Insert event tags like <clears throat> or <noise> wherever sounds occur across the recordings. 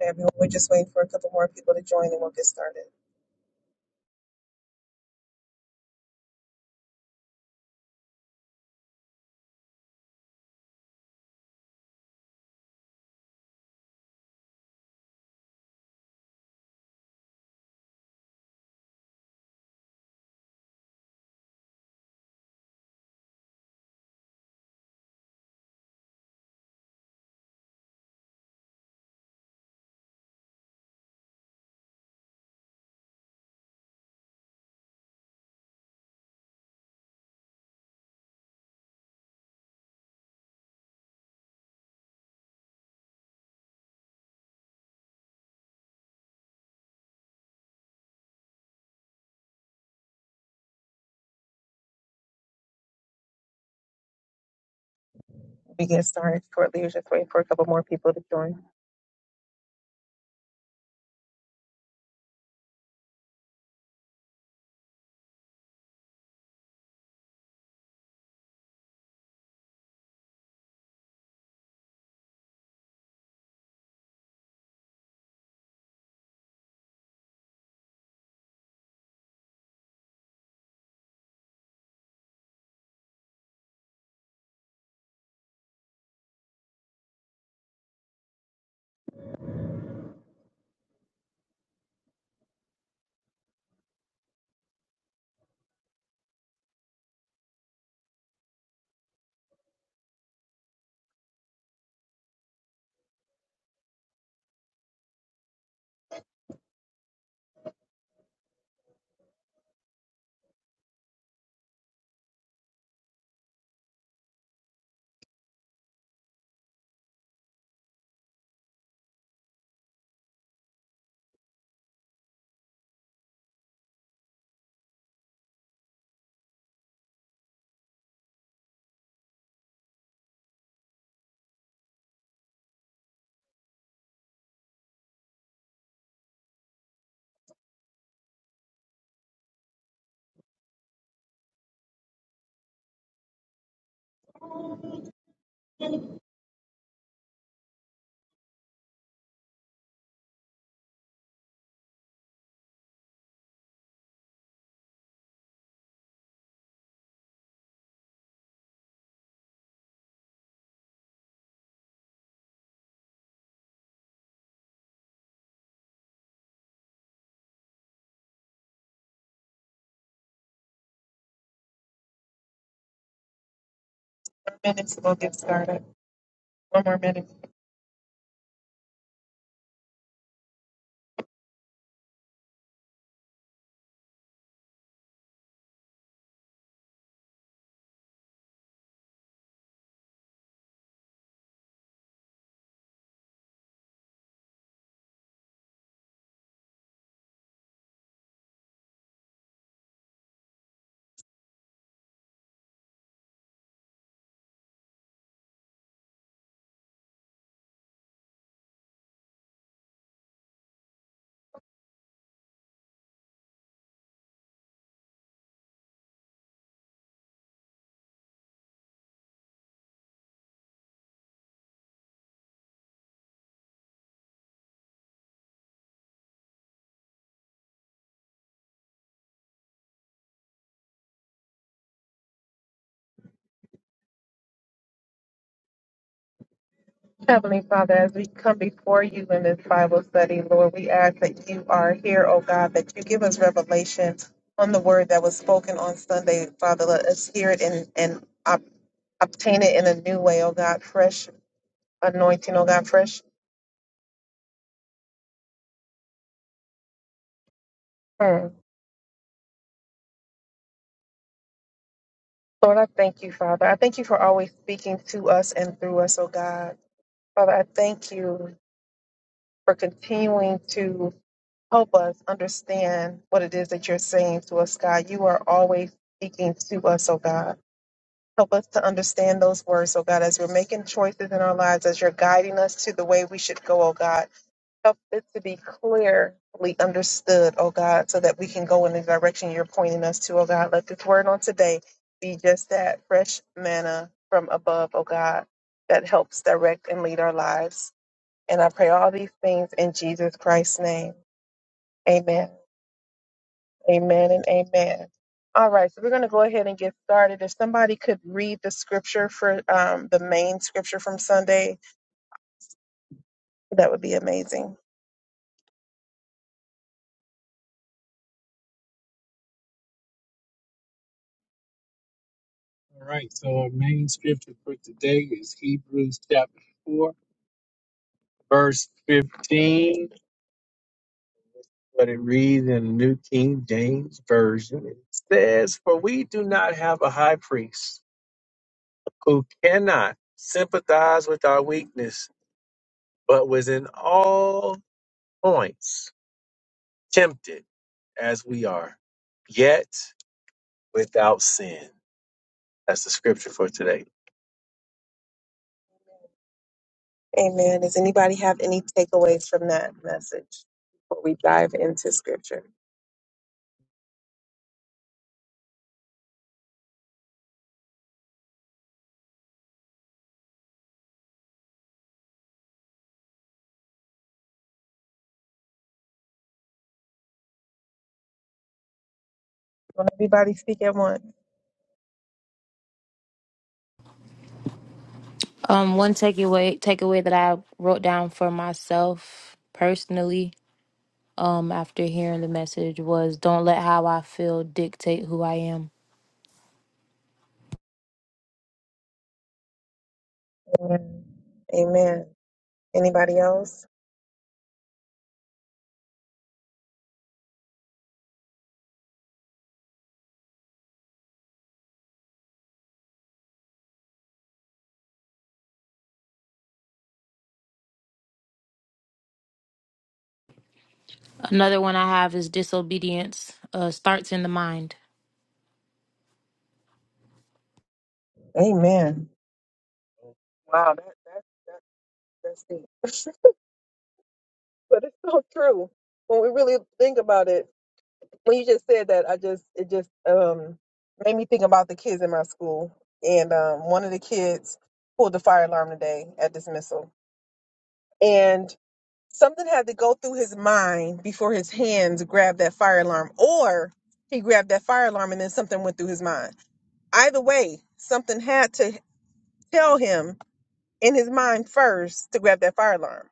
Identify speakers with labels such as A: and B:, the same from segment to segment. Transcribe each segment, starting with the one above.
A: Everyone, we're just waiting for a couple more people to join and we'll get started. We get started shortly. We're just waiting for a couple more people to join. Four minutes, we'll get started. One more minute. Heavenly Father, as we come before you in this Bible study, Lord, we ask that you are here, oh God, that you give us revelation on the word that was spoken on Sunday. Father, let us hear it and, and ob- obtain it in a new way, oh God, fresh anointing, oh God, fresh. Hmm. Lord, I thank you, Father. I thank you for always speaking to us and through us, oh God. Father, I thank you for continuing to help us understand what it is that you're saying to us, God. You are always speaking to us, oh God. Help us to understand those words, oh God, as we're making choices in our lives, as you're guiding us to the way we should go, oh God. Help it to be clearly understood, oh God, so that we can go in the direction you're pointing us to, oh God. Let this word on today be just that fresh manna from above, oh God, that helps direct and lead our lives. And I pray all these things in Jesus Christ's name. Amen. Amen and amen. All right, so we're going to go ahead and get started. If somebody could read the scripture for um, the main scripture from Sunday, that would be amazing. All right, so our main scripture for today is Hebrews chapter 4, verse 15. But it reads in the New King James Version. It says, For we do not have a high priest who cannot sympathize with our weakness but was in all points tempted as we are, yet without sin. That's the scripture for today. Amen. Does anybody have any takeaways from that message before we dive into scripture? Don't everybody speak at once.
B: Um, one takeaway takeaway that I wrote down for myself personally, um, after hearing the message was don't let how I feel dictate who I am.
A: Amen. Amen. Anybody else?
B: Another one I have is disobedience uh, starts in the mind.
A: Amen. Wow, that, that, that, that's deep. <laughs> but it's so true. When we really think about it, when you just said that, I just it just um made me think about the kids in my school, and um, one of the kids pulled the fire alarm today at dismissal, and something had to go through his mind before his hands grabbed that fire alarm, or he grabbed that fire alarm and then something went through his mind. Either way, something had to tell him in his mind first to grab that fire alarm.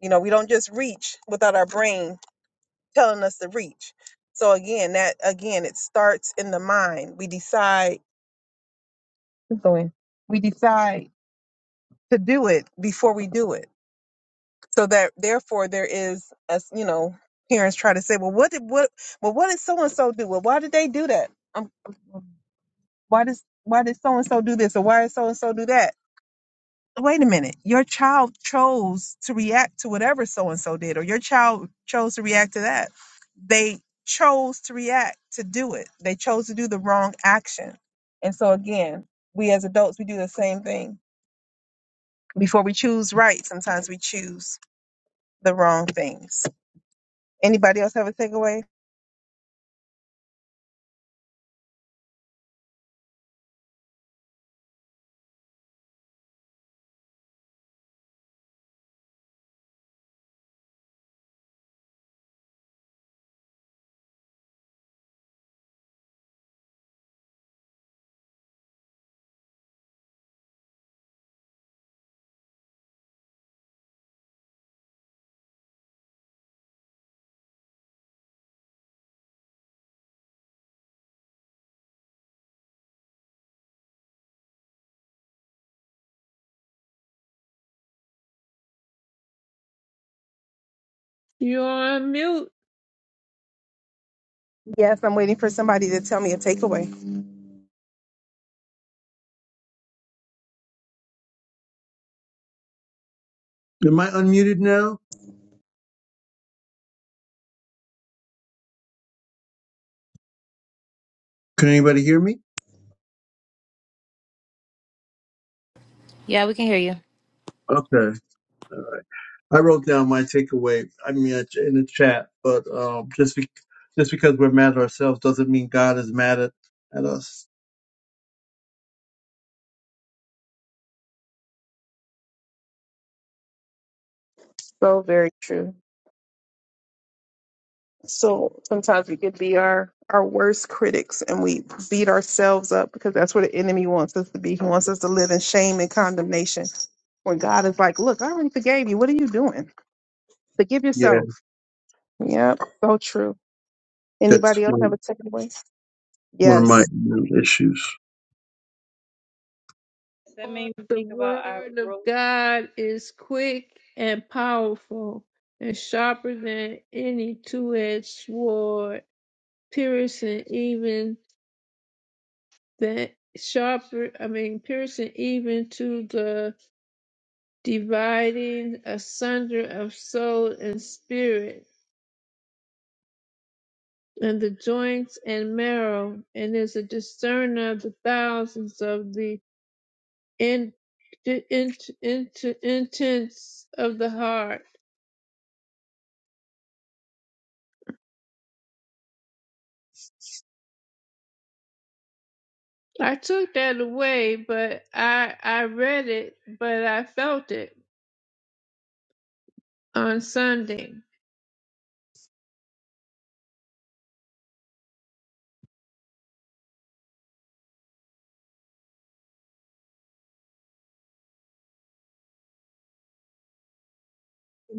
A: You know, we don't just reach without our brain telling us to reach. So again, that again, it starts in the mind. We decide keep going. We decide to do it before we do it. So that therefore there is as you know, parents try to say, Well what did what well what did so and so do? Well why did they do that? Um, um, why does why did so and so do this or why did so and so do that? wait a minute, your child chose to react to whatever so and so did, or your child chose to react to that. They chose to react to do it, they chose to do the wrong action. And so, again, we as adults, we do the same thing. Before we choose right, sometimes we choose the wrong things. Anybody else have a takeaway?
C: You're on mute,
A: Yes, I'm waiting for somebody to tell me a takeaway.
D: Am I unmuted now? Can anybody hear me?
B: Yeah, we can hear you.
D: Okay. I wrote down my takeaway. I mean, it's in the chat, but um, just be- just because we're mad at ourselves doesn't mean God is mad at, at us.
A: So very true. So sometimes we could be our our worst critics and we beat ourselves up because that's what the enemy wants us to be. He wants us to live in shame and condemnation. When God is like, "Look, I already forgave you. What are you doing? Forgive
D: Yeah,
A: yourself." Yep, so true.
D: that's
A: Anybody else have
D: one
A: a takeaway?
D: one of my
A: Yes.
D: issues.
E: So That
C: or
E: made me
C: the
E: think about I
C: word of
E: wrote.
C: God is quick and powerful and sharper than any two-edged sword, piercing even the sharper, I mean, piercing even to the dividing asunder of soul and spirit and the joints and marrow, and is a discerner of the thousands of the and the int into intents of the heart. I took that away, but I I read it, but I felt it on Sunday.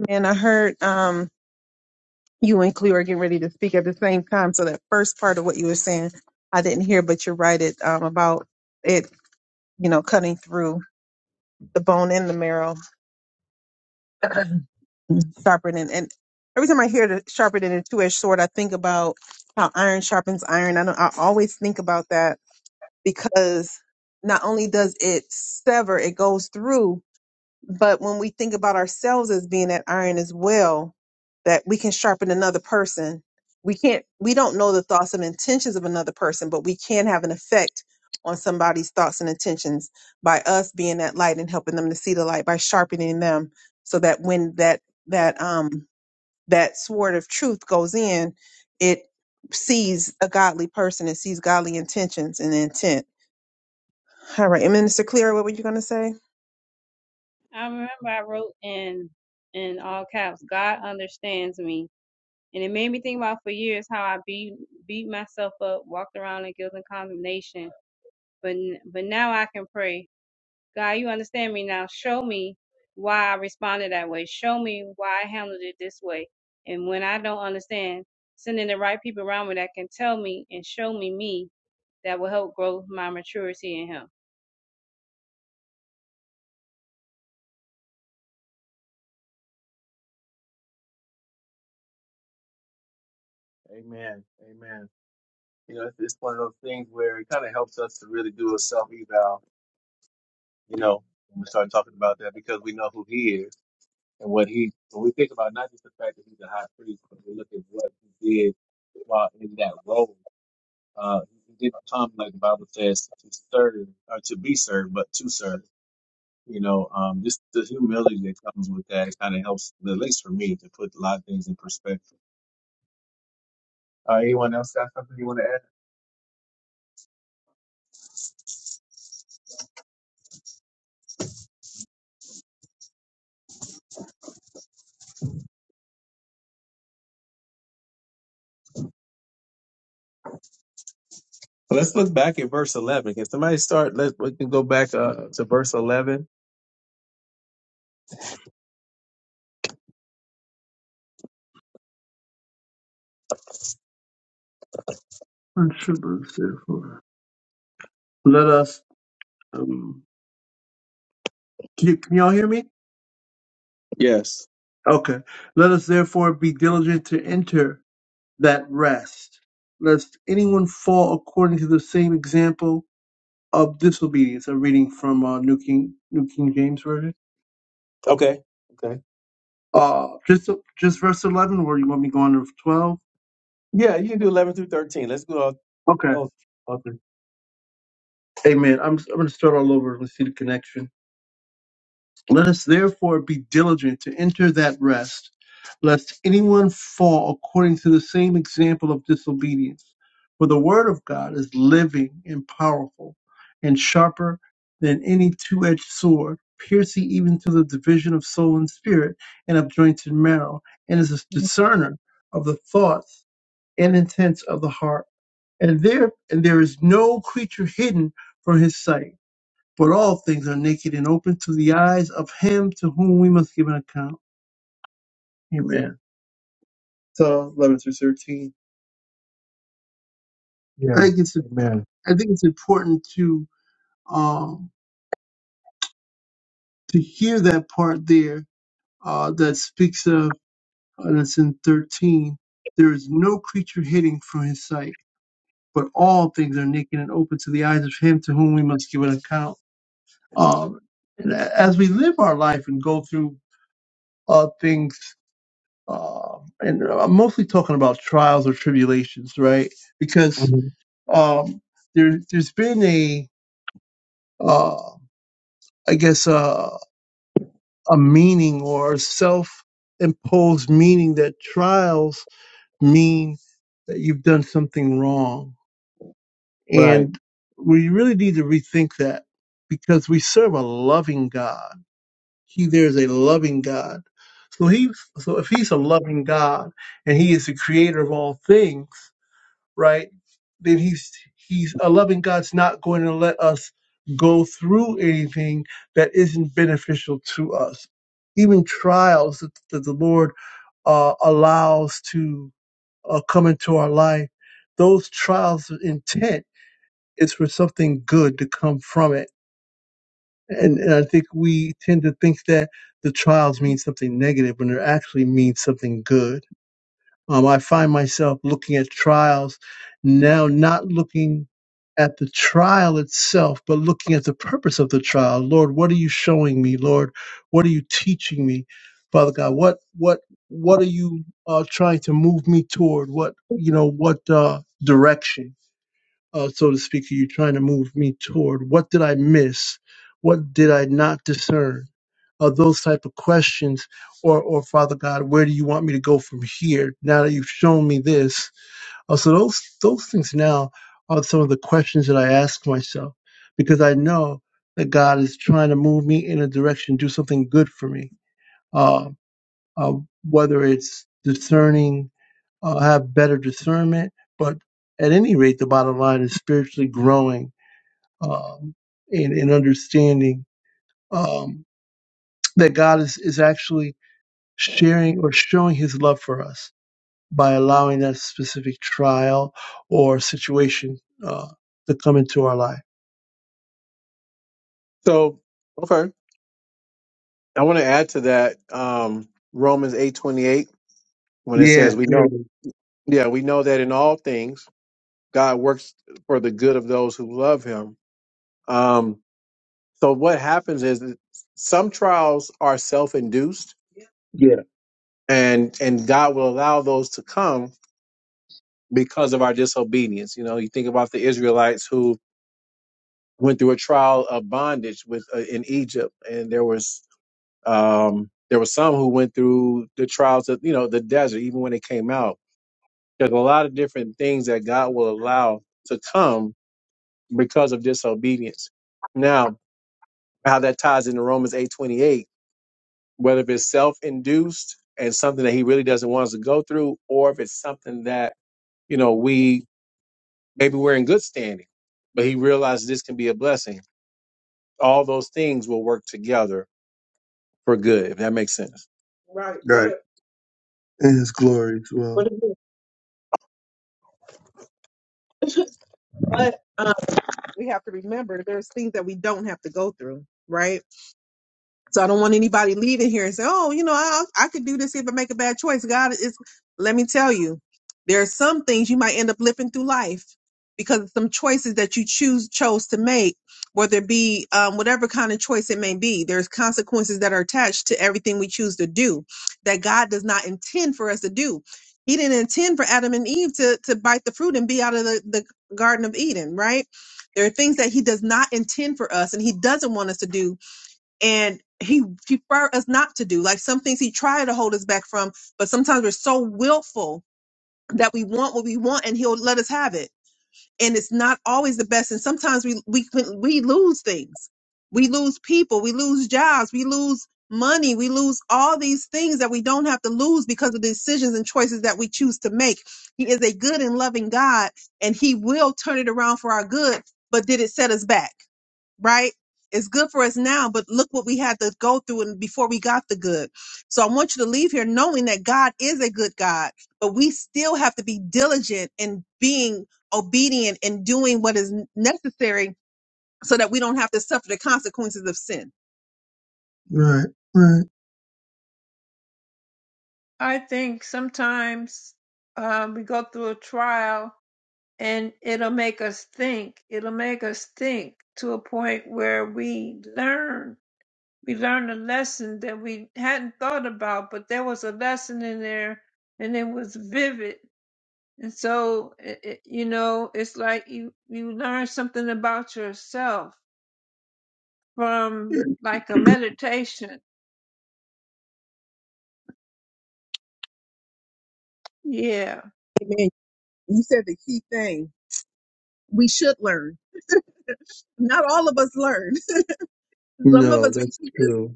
A: And I heard um you and Cleo are getting ready to speak at the same time. So that first part of what you were saying, I didn't hear, but you're right. It um about it, you know, cutting through the bone and the marrow sharpened and, and every time I hear the sharpened and a two edged sword, I think about how iron sharpens iron. I don't, I always think about that because not only does it sever, it goes through, but when we think about ourselves as being that iron as well, that we can sharpen another person. We can't, we don't know the thoughts and intentions of another person, but we can have an effect on somebody's thoughts and intentions by us being that light and helping them to see the light by sharpening them so that when that, that, um, that sword of truth goes in, it sees a godly person and sees godly intentions and intent all right. And Minister Clear, what were you going to say?
E: I remember I wrote in in all caps. God understands me, and it made me think about for years how I beat beat myself up, walked around in guilt and condemnation. But n- but now I can pray. God, you understand me now. Show me why I responded that way. Show me why I handled it this way. And when I don't understand, sending the right people around me that can tell me and show me me that will help grow my maturity in Him.
A: Amen. Amen. You know, it's, it's one of those things where it kind of helps us to really do a self eval, you know, when we start talking about that because we know who he is and what he, when we think about not just the fact that he's a high priest, but we look at what he did while in that role. Uh, he didn't come, like the Bible says, to serve or to be served, but to serve. You know, um, just the humility that comes with that kind of helps, at least for me, to put a lot of things in perspective. Uh, anyone else got something you want to add? Let's look back at verse 11. Can somebody start? Let's we can go back uh, to verse 11.
D: What should we say for? Let us. Um, can, you, can y'all hear me?
A: Yes.
D: Okay. Let us therefore be diligent to enter that rest, lest anyone fall according to the same example of disobedience. I'm reading from uh, New King New King James Version.
A: Okay. Okay.
D: Uh, just just verse eleven, or you want me going to twelve?
A: Yeah, you can do 11 through 13. Let's go. All,
D: Okay.
A: all, all through.
D: Amen. I'm I'm gonna start all over. Let's see the connection. Let us therefore be diligent to enter that rest, lest anyone fall according to the same example of disobedience. For the word of God is living and powerful, and sharper than any two edged sword, piercing even to the division of soul and spirit, and of joints and marrow, and is a discerner of the thoughts and intents of the heart. And there and there is no creature hidden from his sight but all things are naked and open to the eyes of him to whom we must give an account. Amen. So eleven through thirteen. I think it's I think it's important to um to hear that part there uh that speaks of uh, that's in thirteen. There is no creature hidden from his sight, but all things are naked and open to the eyes of him to whom we must give an account. Um, and a- as we live our life and go through uh things um, and I'm mostly talking about trials or tribulations, right? Because
A: Mhm.
D: um, there, there's been a, uh, I guess, a, a meaning or a self-imposed meaning that trials mean that you've done something wrong,
A: Right.
D: and we really need to rethink that because we serve a loving God. He there is a loving God. So he, so if he's a loving God and he is the creator of all things, right? Then he's he's a loving God's not going to let us go through anything that isn't beneficial to us. Even trials that, that the Lord uh, allows to uh, come into our life, those trials' intent is for something good to come from it. And, and I think we tend to think that the trials mean something negative when it actually means something good um, I find myself looking at trials now, not looking at the trial itself, but looking at the purpose of the trial. Lord, what are you showing me? Lord, what are you teaching me, Father God? What what what are you uh, trying to move me toward? What you know? What uh, direction, uh, so to speak, are you trying to move me toward? What did I miss? What did I not discern? or those type of questions or or father god where do you want me to go from here now that you've shown me this uh, so those those things now are some of the questions that i ask myself because i know that god is trying to move me in a direction do something good for me uh, uh, whether it's discerning uh, have better discernment but at any rate the bottom line is spiritually growing um, and, and understanding um, that god is, is actually sharing or showing his love for us by allowing that specific trial or situation uh, to come into our life.
A: So, okay, I want to add to that um, Romans eight twenty eight when it
D: Yeah,
A: says, "We
D: there
A: know,
D: it is.
A: yeah, we know that in all things God works for the good of those who love Him." Um, so, what happens is that some trials are self induced,
D: Yeah,
A: and and God will allow those to come because of our disobedience. You know, you think about the Israelites who went through a trial of bondage with uh, in Egypt, and there was um, there were some who went through the trials of you know the desert, even when they came out. There's a lot of different things that God will allow to come because of disobedience. Now, how that ties into Romans eight twenty eight, whether if it's self induced and something that He really doesn't want us to go through, or if it's something that you know we Maybe we're in good standing, but he realized this can be a blessing. All those things will work together for good, if that makes sense. Right,
D: right.
A: but
D: And his glory as well.
A: but, again, <laughs> but um, we have to remember there's things that we don't have to go through, right? So I don't want anybody leaving here and say, "Oh, you know, I, I could do this if I make a bad choice." God is. Let me tell you, there are some things you might end up living through life because of some choices that you choose chose to make, whether it be um, whatever kind of choice it may be. There's consequences that are attached to everything we choose to do that God does not intend for us to do. He didn't intend for Adam and Eve to to bite the fruit and be out of the, the Garden of Eden, right? There are things that He does not intend for us, and He doesn't want us to do and he prefer us not to do like some things he tried to hold us back from but sometimes we're so willful that we want what we want and he'll let us have it and it's not always the best and sometimes we we can- we lose things we lose people we lose jobs we lose money we lose all these things that we don't have to lose because of the decisions and choices that we choose to make he is a good and loving god and he will turn it around for our good but did it set us back right? It's good for us now, but look what we had to go through and before we got the good. So I want you to leave here knowing that God is a good God, but we still have to be diligent in being obedient and doing what is necessary so that we don't have to suffer the consequences of sin.
D: Right, right.
C: I think sometimes um, we go through a trial and it'll make us think. It'll make us think to a point where we learn. We learn a lesson that we hadn't thought about, but there was a lesson in there, and it was vivid And so, it, it, you know, it's like you, you learn something about yourself from
D: <clears throat>
C: like a
D: Yeah.
C: meditation. Yeah.
A: Amen. You said the key thing. We should learn. <laughs> Not all of us learn. <laughs> Some of
D: No,
A: us
D: that's
A: repeat this.
D: true.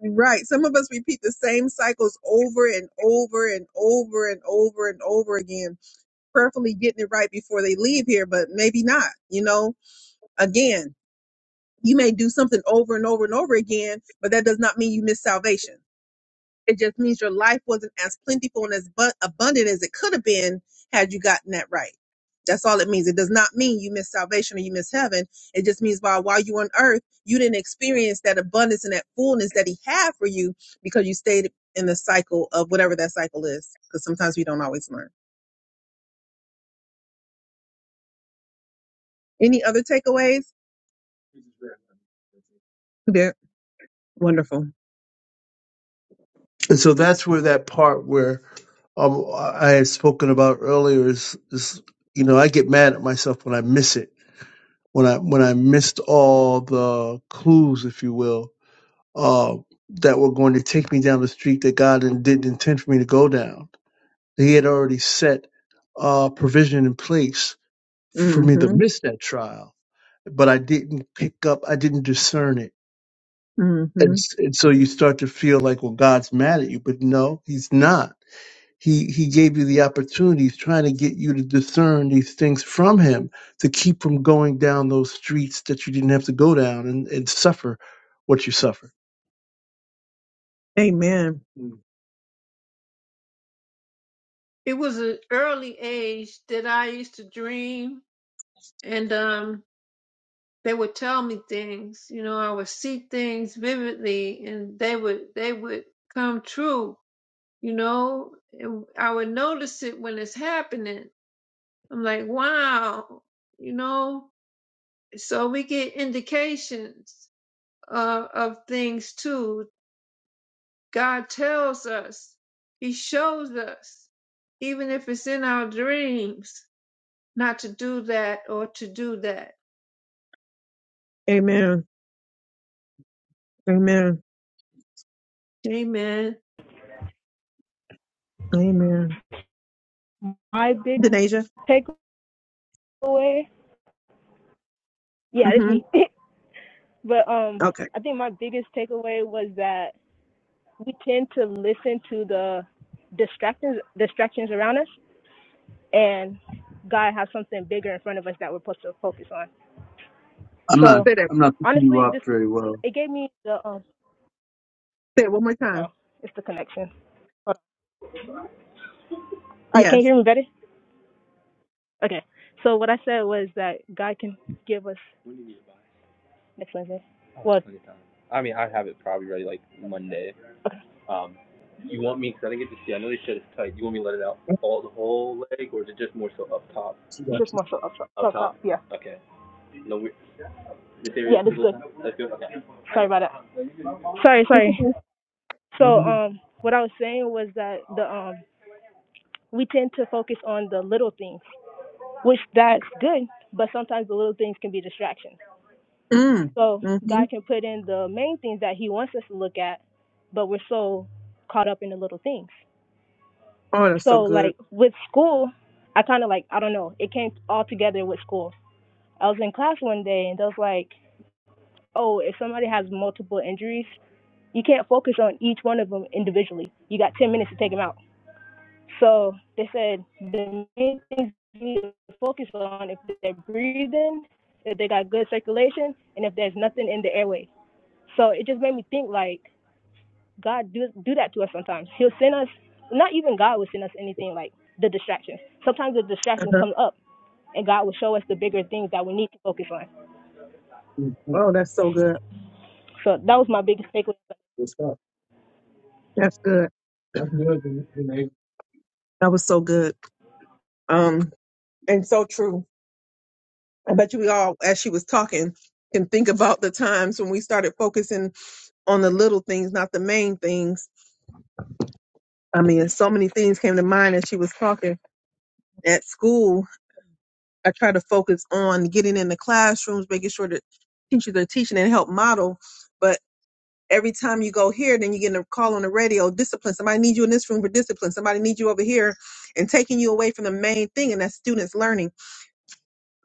A: Right. Some of us repeat the same cycles over and over and over and over and over again. prayerfully getting it right before they leave here, but maybe not. You know, again, you may do something over and over and over again, but that does not mean you miss salvation. It just means your life wasn't as plentiful and as bu- abundant as it could have been had you gotten that right. That's all it means. It does not mean you miss salvation or you miss heaven. It just means while while you were on earth, you didn't experience that abundance and that fullness that He had for you because you stayed in the cycle of whatever that cycle is. Because sometimes we don't always learn. Any other takeaways? Yeah, wonderful.
D: And so that's where that part where um, I had spoken about earlier is, is, you know, I get mad at myself when I miss it, when I when I missed all the clues, if you will uh, that were going to take me down the street that God didn't didn't intend for me to go down. He had already set uh, provision in place for me to
A: Mm-hmm.
D: miss that trial, but I didn't pick up, I didn't discern it. And,
A: Mm-hmm.
D: s- and so you start to feel like, well, God's mad at you, but no, He's not. He, he gave you the opportunity. He's trying to get you to discern these things from Him to keep from going down those streets that you didn't have to go down and, and suffer what you suffered.
A: Amen. Mm.
C: It was an early age that I used to dream and, um, they would tell me things, you know, I would see things vividly and they would, they would come true, you know, and I would notice it when it's happening. I'm like, wow, you know, so we get indications uh, of things too. God tells us, He shows us, even if it's in our dreams, not to do that or to do that.
A: Amen. Amen.
C: Amen.
A: Amen.
F: my big
A: Denasia?
F: takeaway, yeah, it's
A: Mm-hmm.
F: me. <laughs> but um,
A: Okay.
F: I think my biggest takeaway was that we tend to listen to the distractions distractions around us, and God has something bigger in front of us that we're supposed to focus on.
D: I'm not.
F: So
A: Say that.
D: I'm not picking you
F: honestly,
D: up
F: this
D: very well.
F: it gave me the um,
A: Say it one more
F: oh,
A: time.
F: it's the connection. Hold on. All right, can you
A: Yes.
F: hear me better? Okay. So what I said was that God can give us Next Wednesday. What? I mean, i have it probably ready like Monday. Okay. Um, you want me, because I didn't get to see, I know this shit is tight. You want me to let it out all the whole leg, or is it just more so up top? It's just more so up top. Up up top? top. Yeah. Okay. No, we, this area Yeah, this is good. That's good? Okay. Sorry about that. Sorry, sorry. So, um, what I was saying was that the um, we tend to focus on the little things, which that's good, but sometimes the little things can be distractions.
A: Mm.
F: So
A: Mm-hmm.
F: God can put in the main things that He wants us to look at, but we're so caught up in the little things.
A: Oh, that's so
F: So
A: good.
F: like with school, I kind of like I don't know. It came all together with school. I was in class one day and they was like, "Oh, if somebody has multiple injuries, you can't focus on each one of them individually. You got 10 minutes to take them out." So they said the main things you need to focus on if they're breathing, if they got good circulation, and if there's nothing in the airway. So it just made me think like God do do that to us sometimes. He'll send us. Not even God will send us anything like the distractions. Sometimes the distractions
A: Uh-huh.
F: come up, and God will show us the bigger things that we need to focus on.
A: Oh, that's so good.
F: So that was my biggest takeaway.
A: That's good. That's good. That's good, Den- Denasia. That was so good. Um, and so true. I bet you we all, as she was talking, can think about the times when we started focusing on the little things, not the main things. I mean, so many things came to mind as she was talking. At school, I try to focus on getting in the classrooms, making sure that teachers are teaching and help model. But every time you go here, then you get a call on the radio, discipline. Somebody needs you in this room for discipline. Somebody needs you over here and taking you away from the main thing, and that's students learning.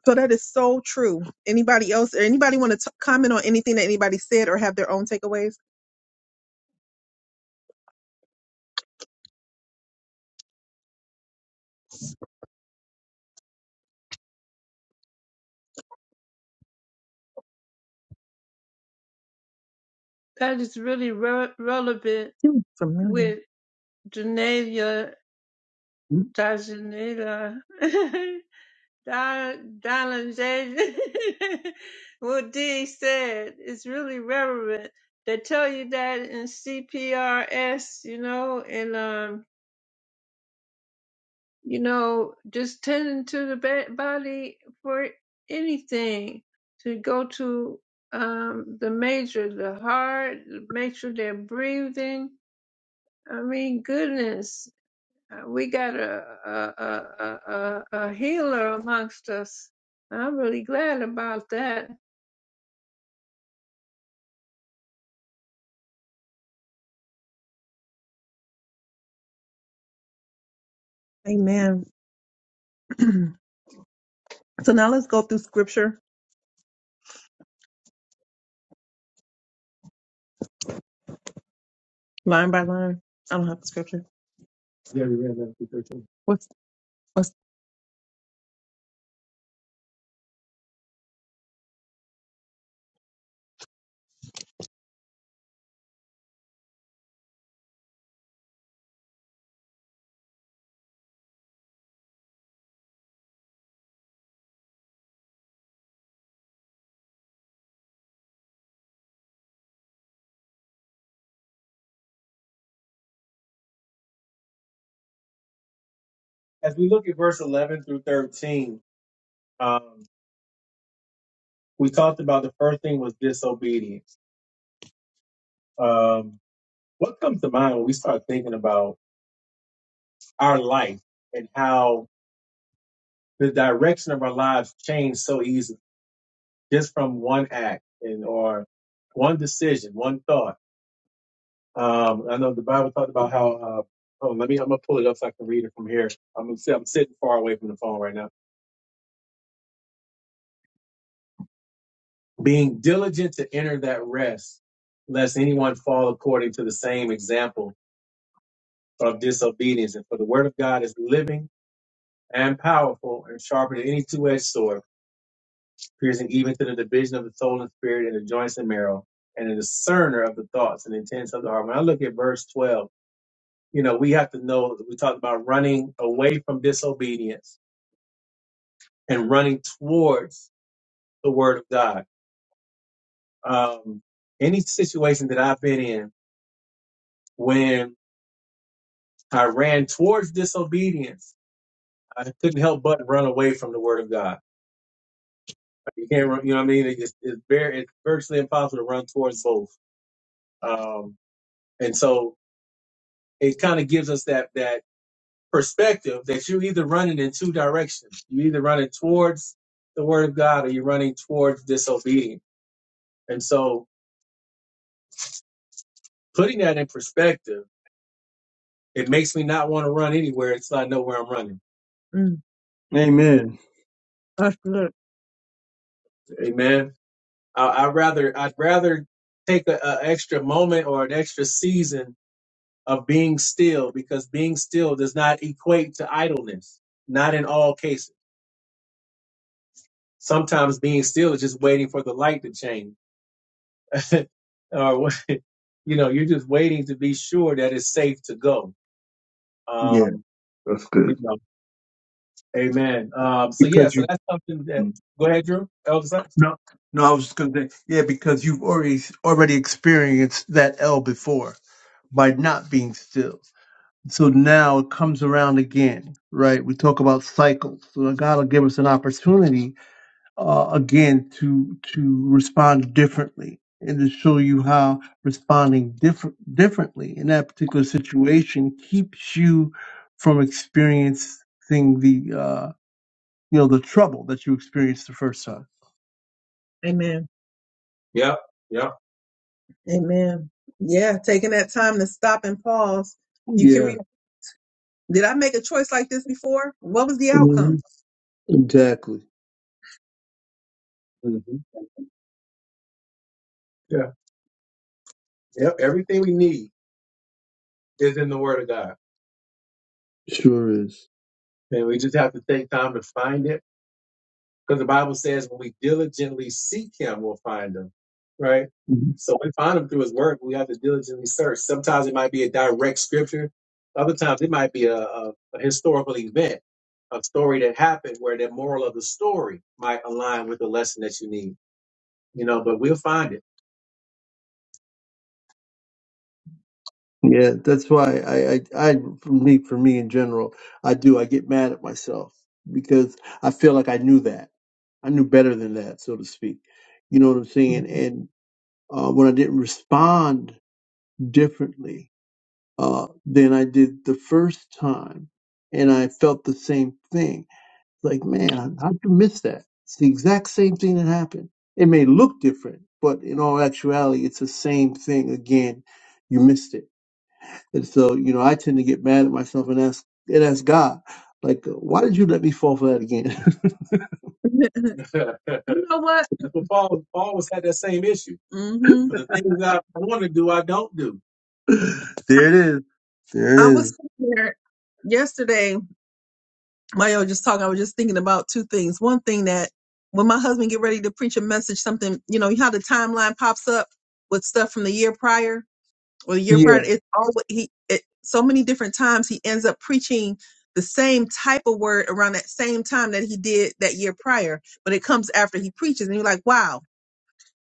A: So that is so true. Anybody else or anybody want to t- comment on anything that anybody said or have their own takeaways?
C: That is really re- relevant
A: You familiar.
C: with Danelia, Dajanela, <laughs> Da- Dalanjay. <laughs> what Dee said is really relevant. They tell you that in CPRS, you know, and um, you know, just tending to the ba- body for anything to go to um, the major, the heart, make sure they're breathing. I mean, goodness, uh, we got a a, a a a a healer amongst us. I'm really glad about that,
A: Amen. <clears throat> so now let's go through scripture line by line. I don't have the scripture. Yeah, we read 11 through 13. What's what's As we look at verse 11 through 13, um, we saw the first thing was disobedience. Um, what comes to my thinking about our life and how did our lives change so easily? Just one act and or one decision, one thought. Um, I know the Bible talked about how. Uh, oh, let me. I'm gonna pull it up so I can read it from here. I'm gonna say I'm sitting far away from the phone right now. Being diligent to enter that rest, lest anyone fall according to the same example of disobedience. And for the word of God is living and powerful and sharper than any two-edged sword, piercing even to the division of the soul and spirit and the joints and marrow, and a discerner of the thoughts and intents of the heart. When I look at verse 12, you know, we have to know we talked about running away from disobedience and running towards the word of God. Um, any situation that I've been in when I ran towards disobedience, I couldn't help but run away from the word of God You can't run, you know what I mean? It's, it's very, it's virtually impossible to run towards both. Um, and so it kind of gives us that, that perspective that you're either running in two directions. You're either running towards the word of God or you're running towards disobedience. And so putting that in perspective, it makes me not want to run anywhere until I know where I'm running. Mm,
D: Amen.
A: that's good. Amen. I, I'd rather, I'd rather take an extra moment or an extra season of being still because being still does not equate to idleness. Not in all cases. Sometimes being still is just waiting for the light to change. <laughs> or <laughs> you know, you're just waiting to be sure that it's safe to go.
D: Yeah,
A: Um,
D: that's good.
A: amen. Um,
D: Because you.
A: yeah. go ahead, Drew. Elder Sykes.
D: No, no. I was just gonna say, yeah, because you've already already experienced that L before by not being still. So now it comes around again, right? We talk about cycles. So God will give us an opportunity uh, again to to respond differently and to show you how responding different differently in that particular situation keeps you from experiencing the uh, you know the trouble that you experienced the first time.
A: Amen. Yeah, yeah. Amen. Yeah, taking that time to stop and pause. You can
D: Yeah,
A: read. Did I make a choice like this before? What was the
D: hmm
A: outcome?
D: exactly.
A: hmm Yeah. Yep. Everything we need is in the Word of God.
D: Sure is.
A: And we just have to take time to find it. Because the Bible says when we diligently seek him, we'll find him. Right?
D: Mhm.
A: So we find him through his word. We have to diligently search. Sometimes it might be a direct scripture. Other times it might be a, a, a historical event, a story that happened where the moral of the story might align with the lesson that you need. You know, but we'll find it.
D: Yeah, that's why I, I, I, for me, for me in general, I do. I get mad at myself because I feel like I knew that. I knew better than that, so to speak. You know what I'm
A: <laughs>
D: saying? uh, when I didn't respond differently uh, than I did the first time, and I felt the same thing. Like, man, how'd you miss that? It's the exact same thing that happened. It may look different, but in all actuality, it's the same thing again. You missed it, and so you know I tend to get mad at myself and ask and ask God, like, uh, why did you let me fall for that again? <laughs>
A: <laughs> you know what? <laughs> Paul, Paul was had that same issue. hmm The things that I want to do, I don't do.
D: there it is. There it
A: I was
D: is.
A: sitting there yesterday, Mario just talking, I was just thinking about two things. One thing that when my husband get ready to preach a message, something, you know, how the timeline pops up with stuff from the year prior or the year
D: Yeah.
A: prior. It's always he it, so many different times he ends up preaching the same type of word around that same time that he did that year prior, but it comes after he preaches and you're like, wow.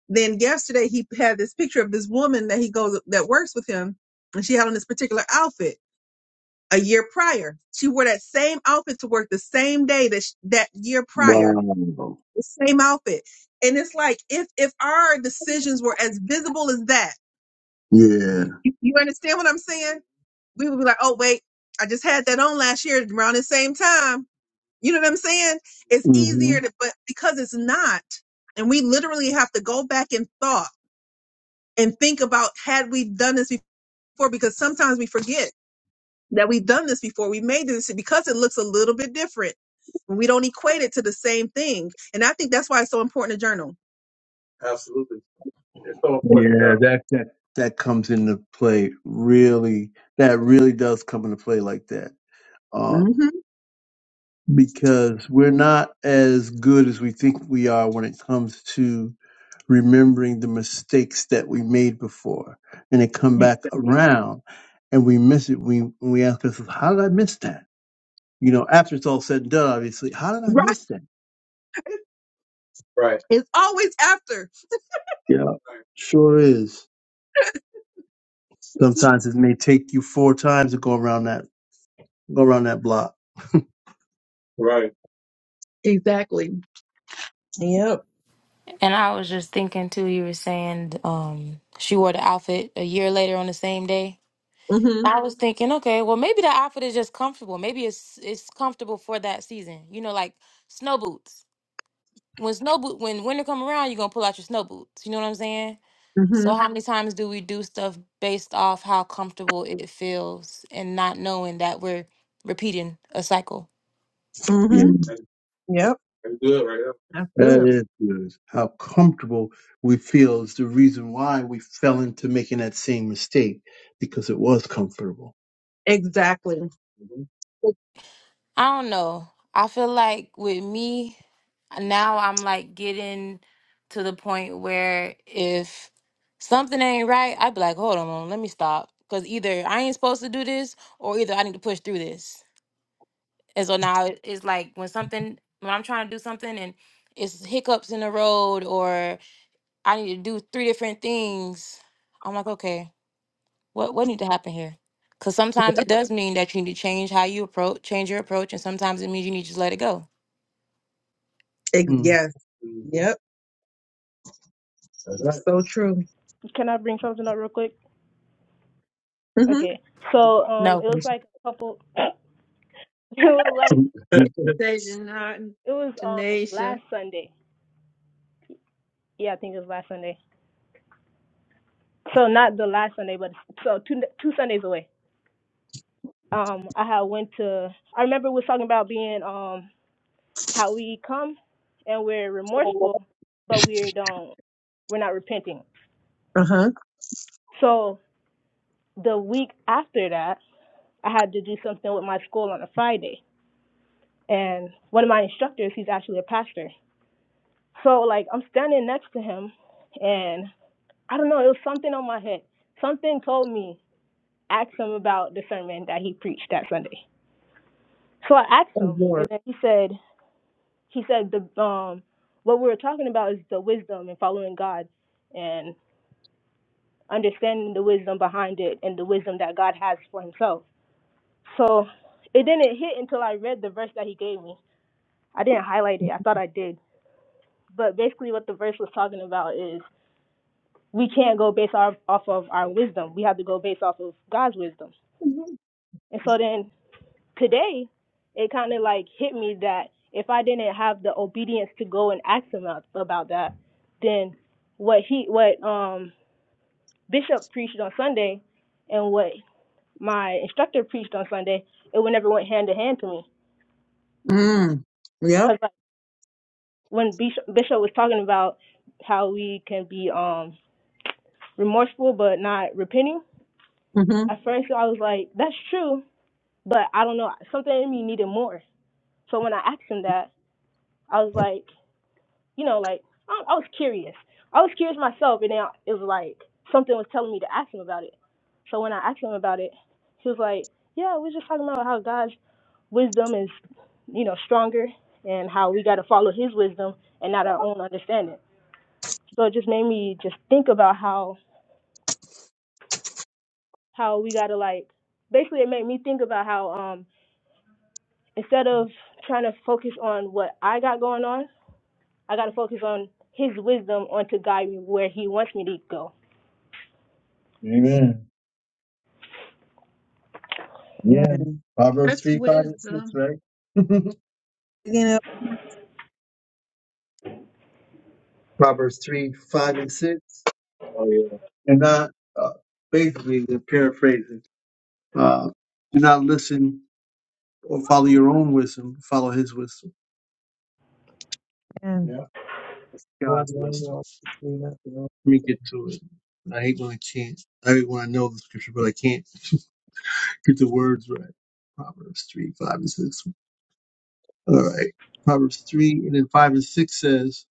A: Then yesterday he had this picture of this woman that he goes that works with him and she had on this particular outfit a year prior. She wore that same outfit to work the same day that sh- that year prior,
D: Wow.
A: the same outfit. And it's like if if our decisions were as visible as that, Mm.
D: Yeah.
A: you, you understand what I'm saying? We would be like, oh wait, I just had that on last year around the same time. You know what I'm saying? It's easier to, but because it's not, and we literally have to go back in thought and think about had we done this before, because sometimes we forget that we've done this before. We may do this because it looks a little bit different. We don't equate it to the same thing. And I think that's why it's so important to journal. Absolutely. It's so important to
D: Yeah,
A: journal.
D: that that that comes into play really. That really does come into play like that. Um,
A: Mm-hmm.
D: because we're not as good as we think we are when it comes to remembering the mistakes that we made before, and they come back around, and we miss it. We we ask ourselves, "How did I miss that?" You know, after it's all said and done, obviously, how
A: <laughs>
D: did I
A: Right.
D: miss that?
A: Right. It's always after.
D: Yeah, sure is. Sometimes it may take you four times to go around that go around that block.
A: Right. Exactly. Yep.
B: And I was just thinking too. You were saying um, she wore the outfit a year later on the same day.
A: Mm-hmm.
B: I was thinking, okay, well maybe the outfit is just comfortable. Maybe it's it's comfortable for that season. You know, like snow boots. when snow boot when winter come around, you're gonna pull out your snow boots. You know what I'm saying? So
A: Mm-hmm.
B: how many times do we do stuff based off how comfortable it feels and not knowing that we're repeating a cycle?
A: Mm-hmm.
D: Yeah.
A: That's, Yep. that's good right there. That's
D: That
A: good.
D: is good. How comfortable we feel is the reason why we fell into making that same mistake because it was comfortable.
A: Exactly. hmm
B: I don't know. I feel like with me now I'm like getting to the point where if something ain't right, I'd be like, hold on, let me stop. Cause either I ain't supposed to do this or either I need to push through this. And so now it- it's like when something when I'm trying to do something and it's hiccups in the road or I need to do three different things, I'm like, okay, what what need to happen here? Because sometimes it does mean that you need to change how you approach, change your approach, and sometimes it means you need to just let it go.
A: Ex-
D: Mm.
A: yes. Mhm. Yep. That's right. So true.
F: Can I bring something up real quick?
A: Mm-hmm.
F: Okay. So um,
B: No.
F: it was like a couple. <laughs> <clears throat> It was
D: <laughs>
F: like
C: Sajin
F: it was um last
C: Denasia.
F: Sunday. Yeah, I think it was last Sunday. So not the last Sunday, but so two two Sundays away. Um, I had went to. I remember we was talking about being um how we come and we're remorseful, but we don't, we're not repenting.
A: Uh-huh.
F: So the week after that, I had to do something with my school on a Friday. And one of my instructors, he's actually a pastor. So like I'm standing next to him and I don't know, it was something on my head. Something told me, ask him about the sermon that he preached that Sunday. So I asked
A: Oh,
F: him
A: Lord.
F: and then he said he said the um what we were talking about is the wisdom and following God and understanding the wisdom behind it and the wisdom that God has for himself. So it didn't hit until I read the verse that he gave me. I didn't highlight it. I thought I did. But basically what the verse was talking about is we can't go based off, off of our wisdom. We have to go based off of God's wisdom.
A: Mhm.
F: And so then today it kind of like hit me that if I didn't have the obedience to go and ask him about, about that, then what he what um Bishop preached on Sunday and what my instructor preached on Sunday, it would never went hand to hand to me.
A: Mm. Yep.
F: Because like, when Bishop, was talking about how we can be um remorseful but not repenting,
A: hmm
F: at first I was like, that's true, but I don't know, something in me needed more. So when I asked him that, I was like. you know, like I, I was curious. I was curious myself, and then I- it was like something was telling me to ask him about it. So when I asked him about it, he was like, "Yeah, we are just talking about how God's wisdom is, you know, stronger, and how we got to follow His wisdom and not our own understanding." So it just made me just think about how how we got to like basically it made me think about how um instead of trying to focus on what I got going on, I got to focus on His wisdom on to guide me where He wants me to go.
D: Amen.
A: Amen.
D: Yeah. Proverbs
C: That's
D: 3, 5, and 6,
C: wisdom.
D: right?
A: Beginning of-
D: <laughs> Proverbs 3, 5, and 6.
A: Oh yeah.
D: And not, uh, basically, they're paraphrasing. Uh, do not listen or follow your own wisdom, follow his wisdom,
A: Amen. Yeah. That's no,
D: God's
A: no,
D: wisdom.
A: no. Clean up, you know.
D: Let me get to it. I hate when I can't. I hate when I know the scripture, but I can't. Get the words right. Proverbs 3, 5, and 6. All right. Proverbs 3 and then 5 and 6 says,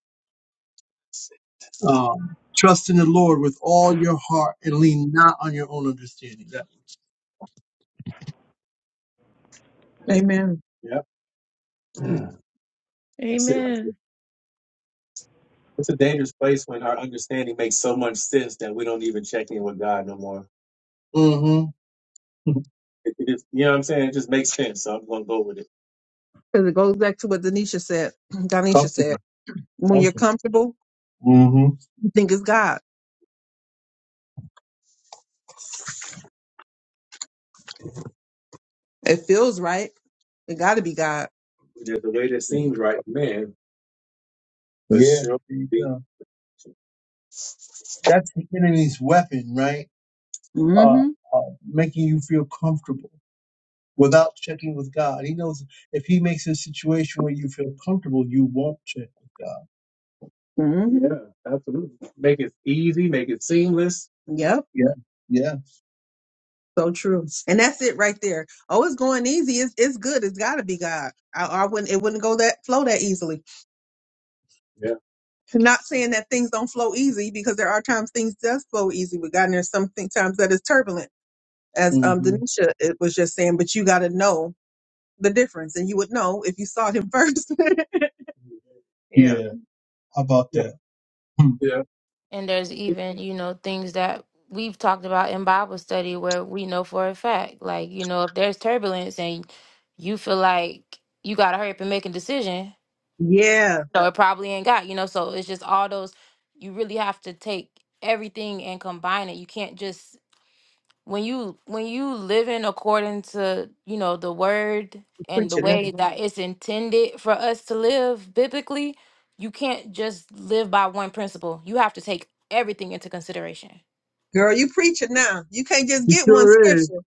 D: um, Trust in the Lord with all your heart and lean not on your own understanding. That
A: Amen. Yep. <clears throat> Mm. That's it right there.
C: Amen.
A: It's a dangerous place when our understanding makes so much sense that we don't even check in with God no more.
D: one. Mm-hmm. <laughs>
A: It, it just, you know what I'm saying? It just makes sense. So I'm going to go with it. Because it goes back to what Denisha said. <clears throat> Danisha said,
D: Comfortable.
A: when you're
D: Comfortable.
A: comfortable,
D: Mm-hmm.
A: you think it's God. It feels right. It got to be God. Just the way that
D: Yeah.
A: seems right, man, but
D: There
A: sure
D: you
A: be.
D: go. That's the enemy's weapon, right? Uh,
A: hmm
D: uh, making you feel comfortable without checking with God. He knows if he makes a situation where you feel comfortable, you won't check with God.
A: hmm Yeah, absolutely. Make it easy, make it seamless. Yep.
D: Yeah, yeah,
A: So true. And that's it right there. Oh, it's going easy. It's it's good. It's gotta be God. I, I wouldn't it wouldn't go that flow that easily. Yeah. Not saying that things don't flow easy because there are times things does flow easy with God and there's some thing- times that is turbulent. As um
D: hmm
A: Denisha it was just saying, but you gotta know the difference and you would know if you saw him <laughs> first. yeah.
D: yeah. How about
A: Yeah.
D: that? Hmm.
A: Yeah.
B: And there's even you know things that we've talked about in Bible study where we know for a fact, like you know, if there's turbulence and you feel like you gotta hurry up and make a decision,
A: Yeah.
B: So it probably ain't got, you know, so it's just all those you really have to take everything and combine it. You can't just when you when you living according to, you know, the word
A: you
B: and the
A: preaching now.
B: way that it's intended for us to live biblically, you can't just live by one principle. You have to take everything into consideration.
A: Girl, you preaching now. You can't just
D: He
A: get one
D: sure is.
A: scripture.
D: <laughs>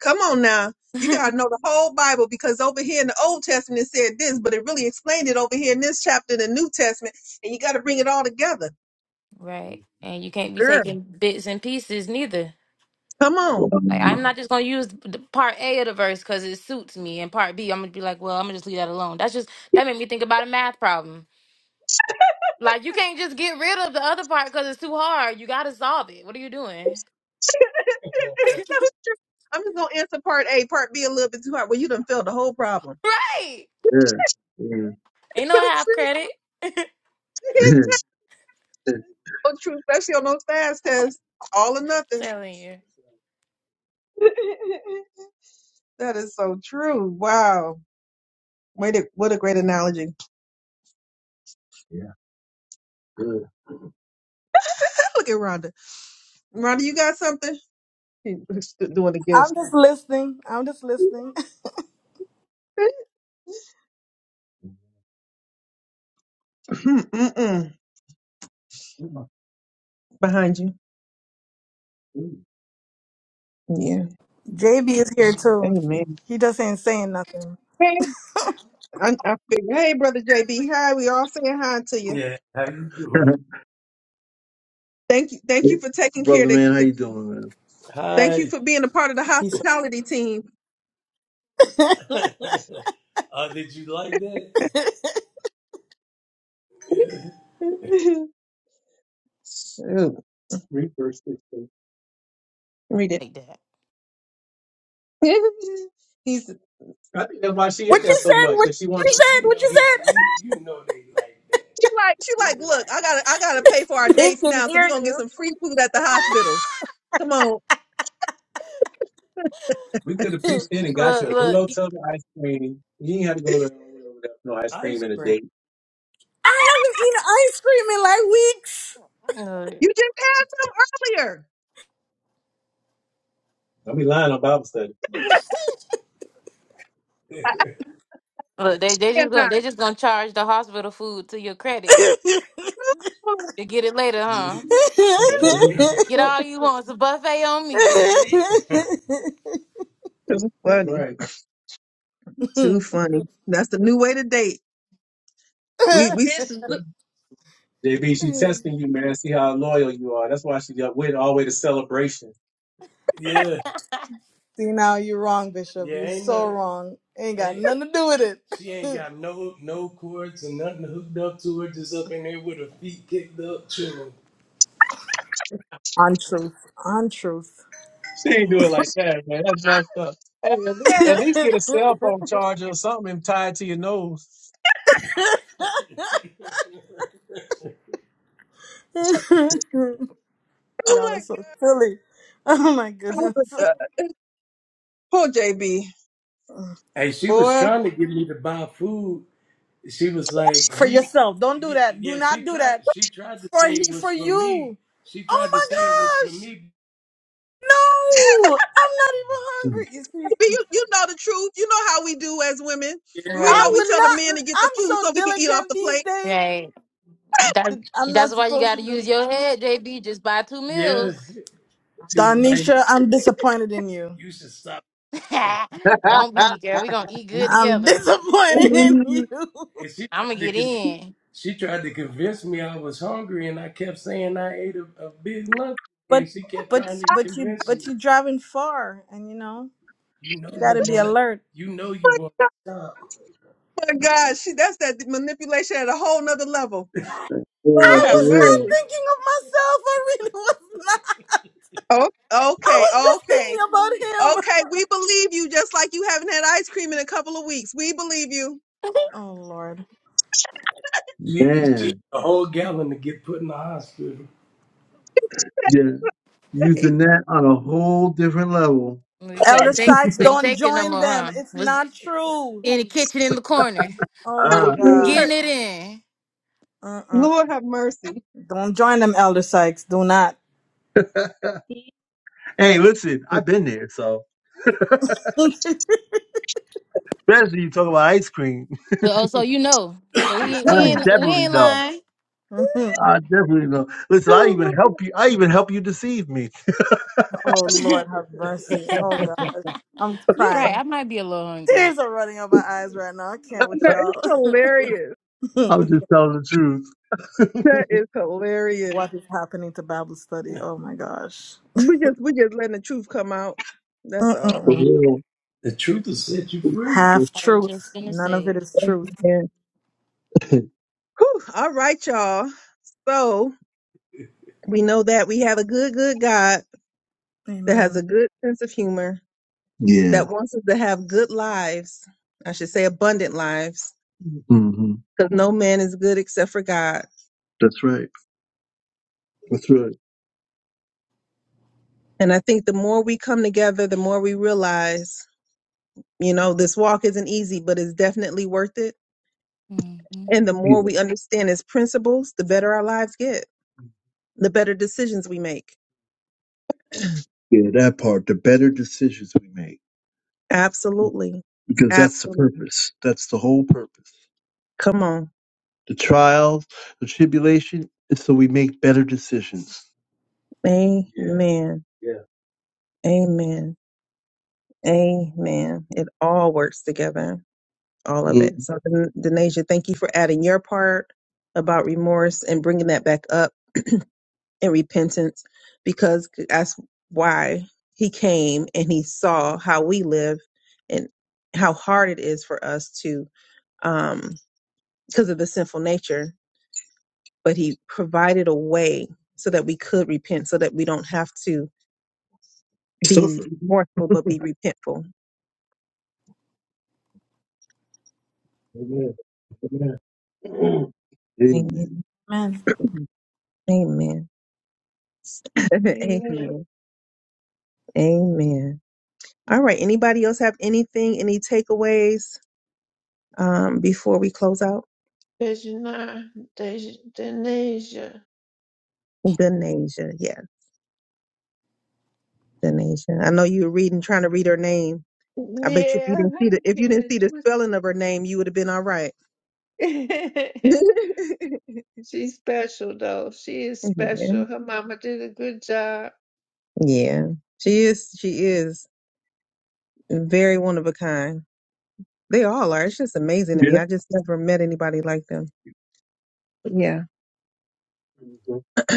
A: Come on now. You got to know the whole Bible because over here in the Old Testament it said this, but it really explained it over here in this chapter in the New Testament. And you got to bring it all together.
B: Right. And you can't be
A: Girl,
B: taking bits and pieces neither.
A: come on.
B: Like, I'm not
D: Wow.
B: just gonna use the part A of the verse because it suits me, and part B, I'm gonna be like, well, I'm gonna just leave that alone. That's just that made me think about a math problem. Like, you can't just get rid of the other part because it's too hard. You gotta solve it. What are you
A: <laughs>
B: doing? <laughs>
A: it's so true. I'm just going to answer part A, part B a little bit too hard. Well, you done filled the whole problem.
B: Right?
A: <laughs>
D: Yeah.
B: Ain't no
A: so
B: half
A: true. <laughs>
B: credit.
D: yeah.
A: It's
D: <laughs>
A: so true, especially on those fast tests. All or nothing.
B: Telling you
A: <laughs> that is so true. Wow. Wait, what a great analogy. Yeah. good. <laughs> Look at Rhonda. Rhonda, you got something? <laughs> He was still doing the gifts.
G: I'm just listening. I'm just listening.
A: <clears throat> Mm-mm. Behind you. Yeah.
G: <laughs> JB is here too.
A: Amen.
G: He just ain't saying nothing.
A: Hey, I, I figured, hey, brother JB, hi. We all saying hi to you.
G: Yeah, how you doing?
A: Thank you. Thank you for taking care of
D: Brother
A: the,
D: man, how
A: the
D: you doing, man?
A: thank you
G: Hi.
A: for being a part of the
G: <laughs> He's so.
A: hospitality team.
G: Oh, did you like that?
A: <laughs> Shoot. Read verse 16. Read it.
B: like that.
A: <laughs> He's I think that's why she in
G: What
A: there
G: you
A: so
G: said?
A: much
G: What
A: that she wants.
G: you
A: She
G: said? What you said? <laughs> he you know they like that.
A: like she
G: He
A: like look.
G: like
A: I gotta
G: that.
A: I gotta pay for our
G: <laughs> They
A: dates
G: can
A: now, so
G: hear
A: we're gonna get
G: you.
A: some free food at the hospitals. Come on, We could have pitched
G: <laughs>
A: in and got you
B: Look,
A: a good
B: look,
A: old
B: e-
A: tub of ice cream. You ain't had to go to no ice
G: Ice
A: cream in a
G: cream.
A: date.
G: I haven't eaten
B: look.
A: You just had some earlier. Don't be lying on Bible study.
B: <laughs> look they they just
A: And
B: gonna
A: I,
B: they just gonna charge the hospital food to your
G: ice
B: credit
G: cream
A: oh,
B: to get it later,
A: <laughs>
B: huh?
G: in
A: too
B: Get all you want. It's a buffet on me, baby.
A: That's funny. right. Too
G: like
A: funny. That's the new way to date. We
G: weeks.
A: we
C: It's,
A: JB, she
G: <laughs>
A: testing you, man. See how loyal you are. That's why she got with all the way to celebration.
G: <laughs> yeah. See now you're wrong, Bishop. Yeah, You're ain't so nothing. wrong. Ain't got Ain't, nothing to do with she ain't it. <laughs> got no no cords and nothing hooked up to her. Just up in there with her feet kicked up, chilling. Untruth. Untruth.
A: She ain't do it like that, man. That's messed up. Hey, at least,
G: <laughs>
A: at least get a cell phone charger or something and tie it to your nose.
G: Y'all are
A: Oh
G: so silly. Oh my
A: my
G: goodness.
A: god. Poor JB.
G: Hey, she
A: Boy,
G: was
A: JB,
G: trying to get me to buy food. She was like, For "You, yourself. Don't do that. Do yeah." not She do tried. that. She tried to For say it you was for for me. you. She Oh tried to say it was my for gosh. me No, I'm not even hungry.
D: <laughs>
G: You see,
A: you, you know the truth. You know how we do as women.
G: Yeah,
A: We know
G: I
B: Right.
A: we
G: would
A: tell the men
G: not.
A: to get the
G: I'm
A: food so
G: so
A: we can eat off
G: diligent
A: the
G: these
A: plate.
G: days.
B: Right. That
G: that I'm not
B: that's why you
G: supposed to
B: gotta
G: do.
B: use your head, JB. Just buy two
G: yeah.
B: meals.
G: See, like Donisha, I'm disappointed in you. you should stop.
B: <laughs>
G: You,
B: Don't be, girl. We gonna eat good
G: I'm <laughs>
B: together.
G: disappointed in
D: Hmm.
G: you. and she
B: I'm gonna
G: tried to
B: get
G: con-
B: in.
G: she tried to convince me I was hungry, and I kept saying I ate a, a big lunch, But and she kept but trying to but you convince but you. you driving far, and you know You know you you got to be want to. alert. You know you
A: Oh
G: want to stop.
A: my God, she that's that manipulation at a whole nother level.
D: yeah,
A: Lord
G: I
A: have
D: for
G: was not
D: real.
A: mercy.
G: thinking of myself. I really <laughs> was not.
A: Oh,
G: I
A: okay,
G: was just
A: okay,
G: thinking about
A: okay. We
G: him.
A: believe you, just like you haven't had ice cream in a couple of weeks. We believe you.
G: Oh Lord. She, she had
D: Man,
G: a whole gallon to get put in the hospital.
D: yeah,
G: Yeah.
A: <laughs>
D: using that on a whole different level.
B: We
G: Elder
B: couldn't take
G: Sykes,
B: couldn't
G: don't
B: take it no
G: join
B: more,
G: them.
B: huh?
G: It's
B: Was
G: not true.
B: in the kitchen in the corner,
G: Oh my
D: Ah.
G: gosh.
A: Lord
B: getting it in.
G: Uh-uh.
A: Lord have mercy.
G: Don't join them, Elder Sykes. Do not.
D: <laughs>
E: He
D: Hey, listen, I've been there, so
G: <laughs> oh
D: especially you talk about ice cream. <laughs>
B: Well, oh, so you know. So we ain't we
D: I
B: ain't, we
D: definitely
B: ain't
D: know.
B: lying.
D: I definitely know. Listen, I even
A: <laughs>
D: help you. I even help you deceive me.
B: <laughs>
G: Lord, have mercy. Oh gosh. I'm
B: You're right.
G: crying.
B: I might be a little hungry.
G: Tears are running out my eyes right now. I can't with
A: That is
G: y'all.
A: hilarious.
G: <laughs>
D: I'm just telling the truth. <laughs>
A: That is hilarious.
G: What is happening to Bible study? Oh my gosh.
A: We just we just letting the truth come out. That's all.
D: For
G: Mm-mm-mm.
D: real.
G: The truth will set you free. Half
B: I was just
G: truth.
B: gonna
G: None of
B: say.
G: it is truth.
A: Amen. Whew. All right, y'all. So we know that we have a good, good God that has
G: Amen.
A: a good sense of humor
D: <laughs> yeah.
A: that wants us to have good lives. I should say abundant lives,
D: hmm
A: because no man is good except for God.
D: That's right. That's right.
A: And I think the more we come together, the more we realize, you know, this walk isn't easy, but it's definitely worth it.
B: Mhm.
A: And the
D: Yeah.
A: more we understand its principles, the better our lives get, the better decisions we make.
D: Yeah. That part. The better decisions we make,
A: Absolutely.
D: because that's the
A: Absolutely.
D: purpose. That's the whole purpose.
A: Come on.
D: The trials, the tribulation, is so we make better decisions.
A: Amen. Yeah. Amen. Yeah. Amen. Amen. It all works together, all of
D: Mm.
A: it. So, Den- Denasia, thank you for adding your part about remorse and bringing that back up and repentance because that's why he came and he saw how we live and how hard it is for us to, um, because of the sinful nature but he provided a way so that we could repent, so that we don't have to be
D: Suffer.
A: remorseful, but be repentful. Amen. Amen.
D: Amen.
A: Amen.
G: Amen.
A: Amen. <laughs>
C: amen.
A: Amen. Amen. All right. Anybody else have anything, any takeaways um, before we close out?
C: Sajin Denasia.
A: Denasia. Yeah. Denasia. I know you were reading, trying to read her name. I bet you if you
C: Yeah,
A: didn't see the
C: I
A: if you
C: getting
A: didn't
C: it
A: see the
C: twisted.
A: spelling of her name, you would have been all right. <laughs> yeah.
C: <laughs> She's special though. She is special. Her mama did a good job.
A: yeah. She is. She is. Very one of a kind. They all are. It's just amazing to
D: Yeah.
A: me. I just never met anybody like them. yeah.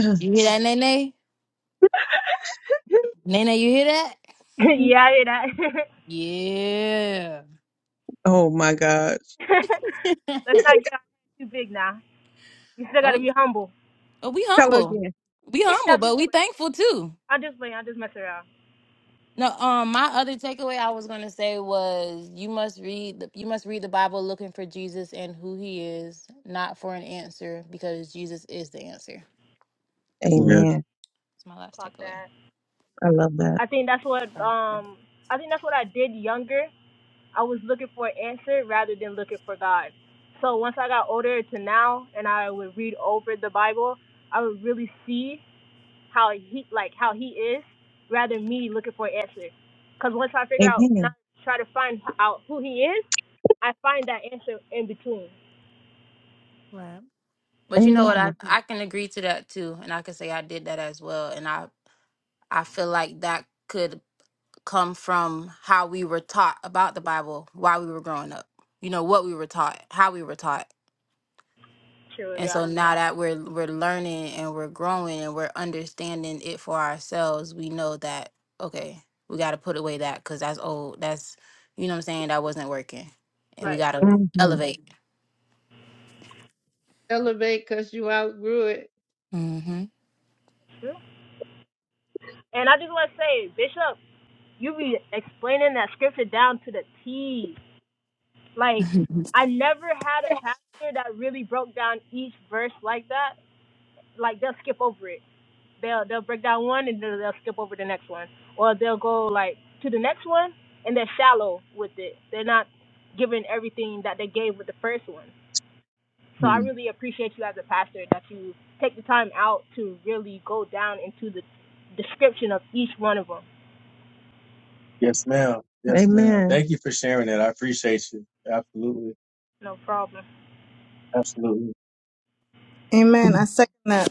A: <clears throat>
B: You hear that, Nene? Nene, you hear that?
F: <laughs> yeah, I hear that. <laughs>
B: Yeah.
A: oh my God.
F: Let's
B: <laughs>
F: not get too big now. We still
B: Oh.
F: gotta be humble.
B: Oh, we
A: Tell her
B: humble.
A: again.
B: We
F: <laughs>
B: humble,
F: I'm
B: but
F: just
B: we
F: playing.
B: thankful too.
F: I'm just playing. I'm just messing around.
B: No, um, my other takeaway I was gonna say was you must read the you must read the Bible looking for Jesus and who he is, not for an answer, because Jesus is the answer.
D: Yeah.
A: Amen.
B: It's my last
F: Fuck
B: takeaway.
F: that.
A: I love that.
F: I think that's what um I think that's what I did younger. I was looking for an answer rather than looking for God. So once I got older to now and I would read over the Bible, I would really see how he like how he is rather than me looking for an answer. Cause once I figure out when
A: Amen.
F: I try to find out who he is, I find that answer in between.
B: But you know what? I,
A: Amen.
B: I can agree to that too. And I can say I did that as well. And I, I feel like that could come from how we were taught about the Bible while we were growing up. You know, what we were taught, how we were taught.
F: True,
B: And
F: yeah.
B: so now that we're we're learning and we're growing and we're understanding it for ourselves, we know that okay, we got to put away that cuz that's old. That's you know what I'm saying, that wasn't working. And we
F: Right.
B: got to
A: Mm-hmm.
B: elevate.
C: Elevate because you outgrew it.
B: Mhm.
F: True. And I just want to say, Bishop, you be explaining that scripture down to the T. Like,
B: <laughs>
F: I never had a pastor that really broke down each verse like that. Like, they'll skip over it. They'll they'll break down one and then they'll skip over the next one, or they'll go like to the next one and they're shallow with it. They're not giving everything that they gave with the first one. So I
A: Mm.
F: really appreciate you as a pastor that you take the time out to really go down into the description of each one of them.
A: Yes, ma'am. Yes, ma'am. Amen. Thank you for sharing that. I appreciate you. Absolutely.
F: No problem.
A: Absolutely.
G: Amen. I second that.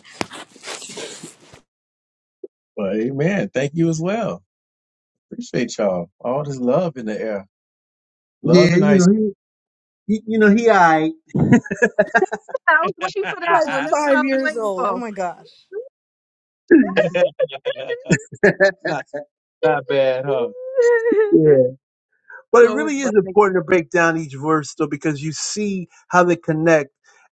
A: But amen. Thank you as well. Appreciate y'all. All this love in the air. Love
D: Yeah,
A: and
D: you
A: ice.
D: know, he, he you know, he I.
A: <laughs> I was wishing for that
G: Like
A: one. That's what I <laughs>
G: five
A: was
G: years
A: waiting
G: old. Oh
A: for.
G: my gosh.
D: <laughs>
A: Not, <laughs> not at home. <laughs>
D: yeah. But it
A: so
D: really is
A: funny.
D: important to break down each verse though, because you see how they connect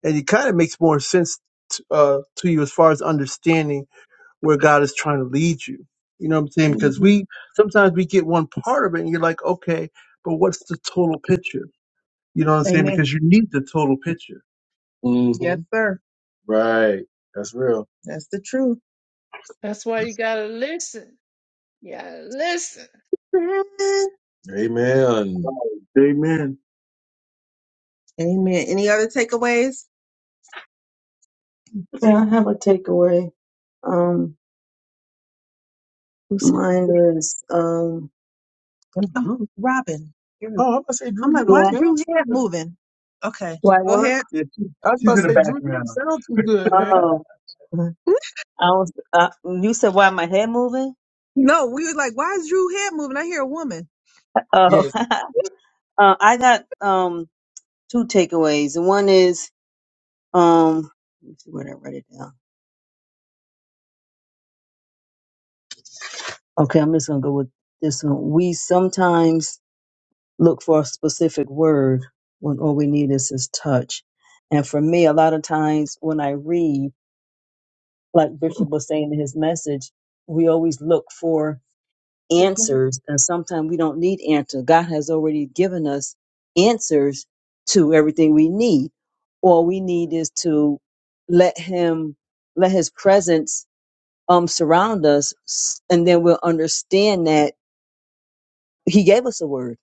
D: and it kind of makes more sense t- uh, to you as far as understanding where God is trying to lead you. You know what I'm saying? Because
A: hmm
D: we sometimes we get one part of it and you're like, okay, but what's the total picture? You know what I'm saying?
A: Amen.
D: Because you need the total picture.
A: hmm Yes, hmm sir. Right. That's real. That's the truth.
C: That's why you gotta listen. You gotta listen.
A: Amen. Amen.
D: Amen.
A: Amen. Any other takeaways?
D: Yeah, I have a takeaway. Um,
A: Who said that?
D: mine is um,
A: Oh, Robin. You're- Oh, I'm about to say Drew, I'm you like, why don't is Drew sound too head good. moving? Okay,
D: Why
A: go
D: what?
A: ahead.
D: Yeah, she,
A: I was about
D: she's
A: to
D: in the
A: say Drew, you don't
D: background.
A: sound too good, man.
D: Oh, <laughs>
A: <laughs>
D: I was. Uh, you said why my head moving?
A: No, we were like, why is Drew head moving? I hear a woman.
D: Oh, <laughs>
A: Yes. <laughs>
D: uh, I got um two takeaways. The One is um, let me see where did I write it down. Okay, I'm just gonna go with this one. We sometimes look for a specific word when all we need is his touch. And for me, a lot of times when I read, like Bishop was saying in his message, we always look for answers and sometimes we don't need answers god has already given us answers to everything we need all we need is to let him let his presence um surround us s- and then we'll understand that he gave us a word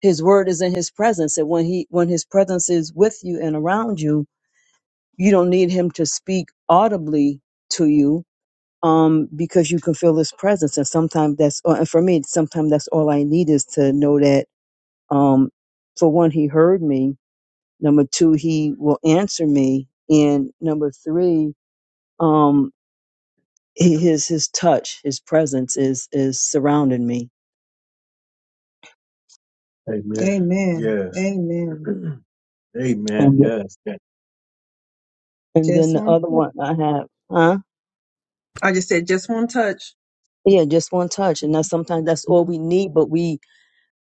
D: his word is in his presence and when he when his presence is with you and around you you don't need him to speak audibly to you um, because you can feel his presence. And sometimes that's, uh, and for me, sometimes that's all I need is to know that Um, for one, he heard me. Number two, he will answer me. And number three, um, he- his his touch, his presence is is surrounding me.
A: Amen. Amen. Yes. Amen. Amen.
D: And
A: Yes. yes.
D: and then
A: Just
D: the
A: one.
D: other
A: touch.
D: one I have, huh?
A: I just said just one touch.
D: Yeah, just one touch, and that's sometimes that's all we need. But we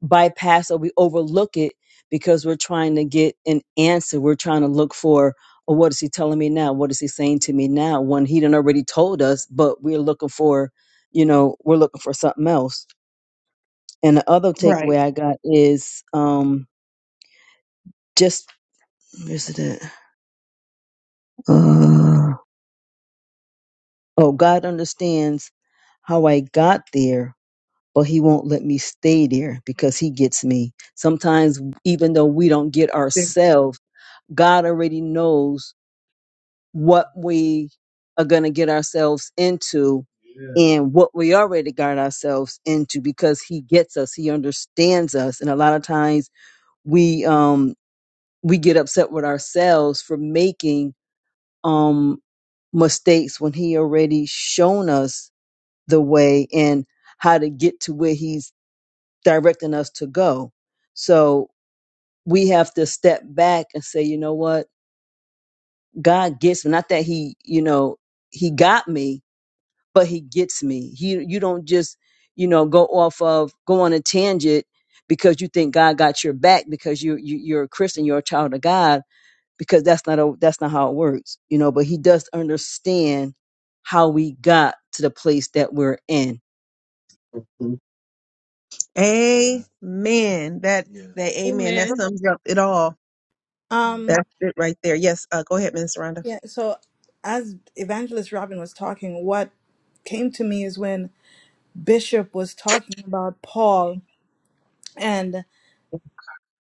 D: bypass or we overlook it because we're trying to get an answer. We're trying to look for, oh, what is he telling me now? What is he saying to me now? When he done already told us, but we're looking for, you know, we're looking for something else. And the other
A: Right.
D: takeaway I got is um just where's it at? Uh, oh, God understands how I got there, but he won't let me stay there because he gets me. Sometimes even though we don't get ourselves, God already knows what we are going to get ourselves into Yeah. and what we already got ourselves into because he gets us he understands us and a lot of times we um we get upset with ourselves for making um mistakes when he already shown us the way and how to get to where he's directing us to go so we have to step back and say you know what god gets me not that he you know he got me but he gets me. He you don't just, you know, go off of go on a tangent because you think God got your back because you, you you're a Christian, you're a child of God, because that's not a, that's not how it works. You know, but he does understand how we got to the place that we're in.
A: Mhm. Yeah. Amen. That Yeah. that amen. That
C: Amen.
A: sums up it all. Yeah.
G: Um.
A: That's it right there. Yes. Uh, go ahead, Minister Rhonda.
G: Yeah. So, as Evangelist Robin was talking, what came to me is when Bishop was talking about Paul. and.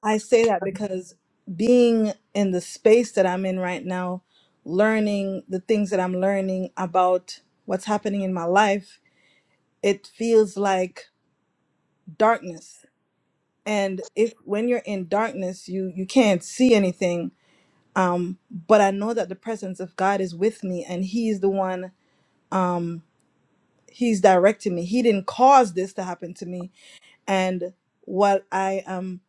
G: I say that because being in the space that I'm in right now, learning the things that I'm learning about what's happening in my life, it feels like darkness. And if when you're in darkness, you you can't see anything. Um, but I know that the presence of God is with me, and He's the one. Um, he's directing me. He didn't cause this to happen to me. And what I am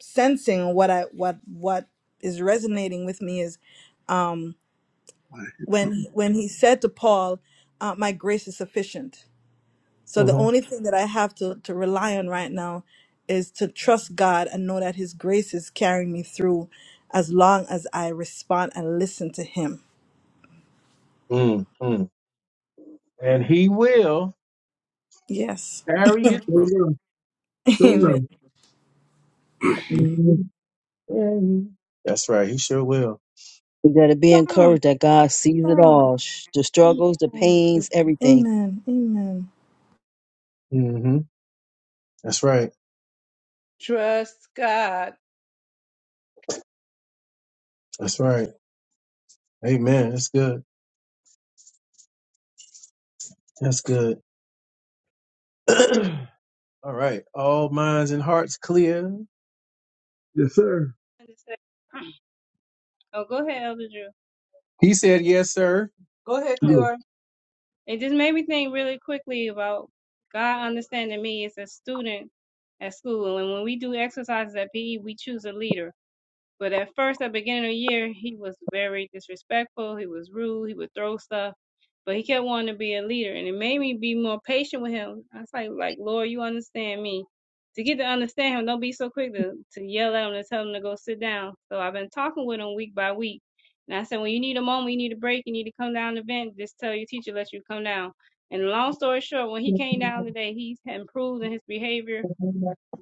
G: sensing, what I what what is resonating with me is when when he said to Paul, uh, "My grace is sufficient." So the
A: hmm
G: only thing that I have to to rely on right now is to trust God and know that His grace is carrying me through, as long as I respond and listen to Him.
A: mm mm. And he will
G: Yes,
A: carry it
D: Sure
A: through.
D: enough.
G: <laughs>
D: Sure
G: Amen.
D: enough. Mhm.
A: Mhm. That's right. He sure will.
D: We gotta be
G: Song,
D: encouraged that God sees it
G: song.
D: all. sh- The struggles, the
G: How
D: pains, everything.
G: Amen, Amen.
A: hmm That's right.
C: Trust God.
A: That's right. Amen. That's good. That's good. <clears throat> All right. All minds and hearts clear.
D: Yes, sir.
E: understands. <clears throat> Oh, go ahead, Elder Drew.
A: He said, Yes, sir. Go ahead,
D: Yes.
E: Oh,
A: Cleora.
E: it just made me think really quickly about God understanding me as a student at school. And when we do exercises at PE, we choose a leader. But at first, at the beginning of the year, he was very disrespectful. He was rude. He would throw stuff. But he kept wanting to be a leader, and it made me be more patient with him. I was like, like Lord, you understand me. To get to understand him, don't be so quick to, to yell at him and tell him to go sit down. So I've been talking with him week by week. And I said, when you need a moment, you need a break, you need to come down to the vent, just tell your teacher, let you come down. And long story short, when he came down today, he's improved in his behavior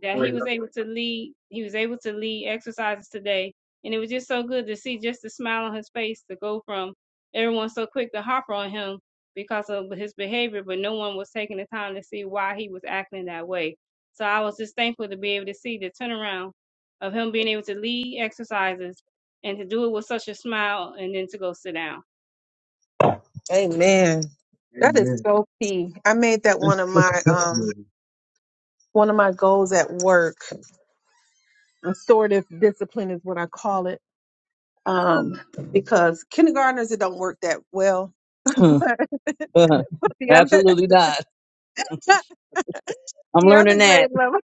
E: that he was able to lead he was able to lead exercises today and it was just so good to see just the smile on his face to go from everyone so quick to hop on him because of his behavior but no one was taking the time to see why he was acting that way so i was just thankful to be able to see the turnaround of him being able to lead exercises and to do it with such a smile and then to go sit down
A: Amen. That is
D: Amen.
A: so key. I made that one of my um
D: Definitely.
A: one of my goals at work. Restorative discipline is what I call it. um, because kindergartners it don't work that well. <laughs>
D: <laughs>
A: but
D: <laughs> Uh,
A: the other
D: Absolutely not.
A: <laughs>
D: I'm
A: the other
D: learning
A: grade
D: that.
A: level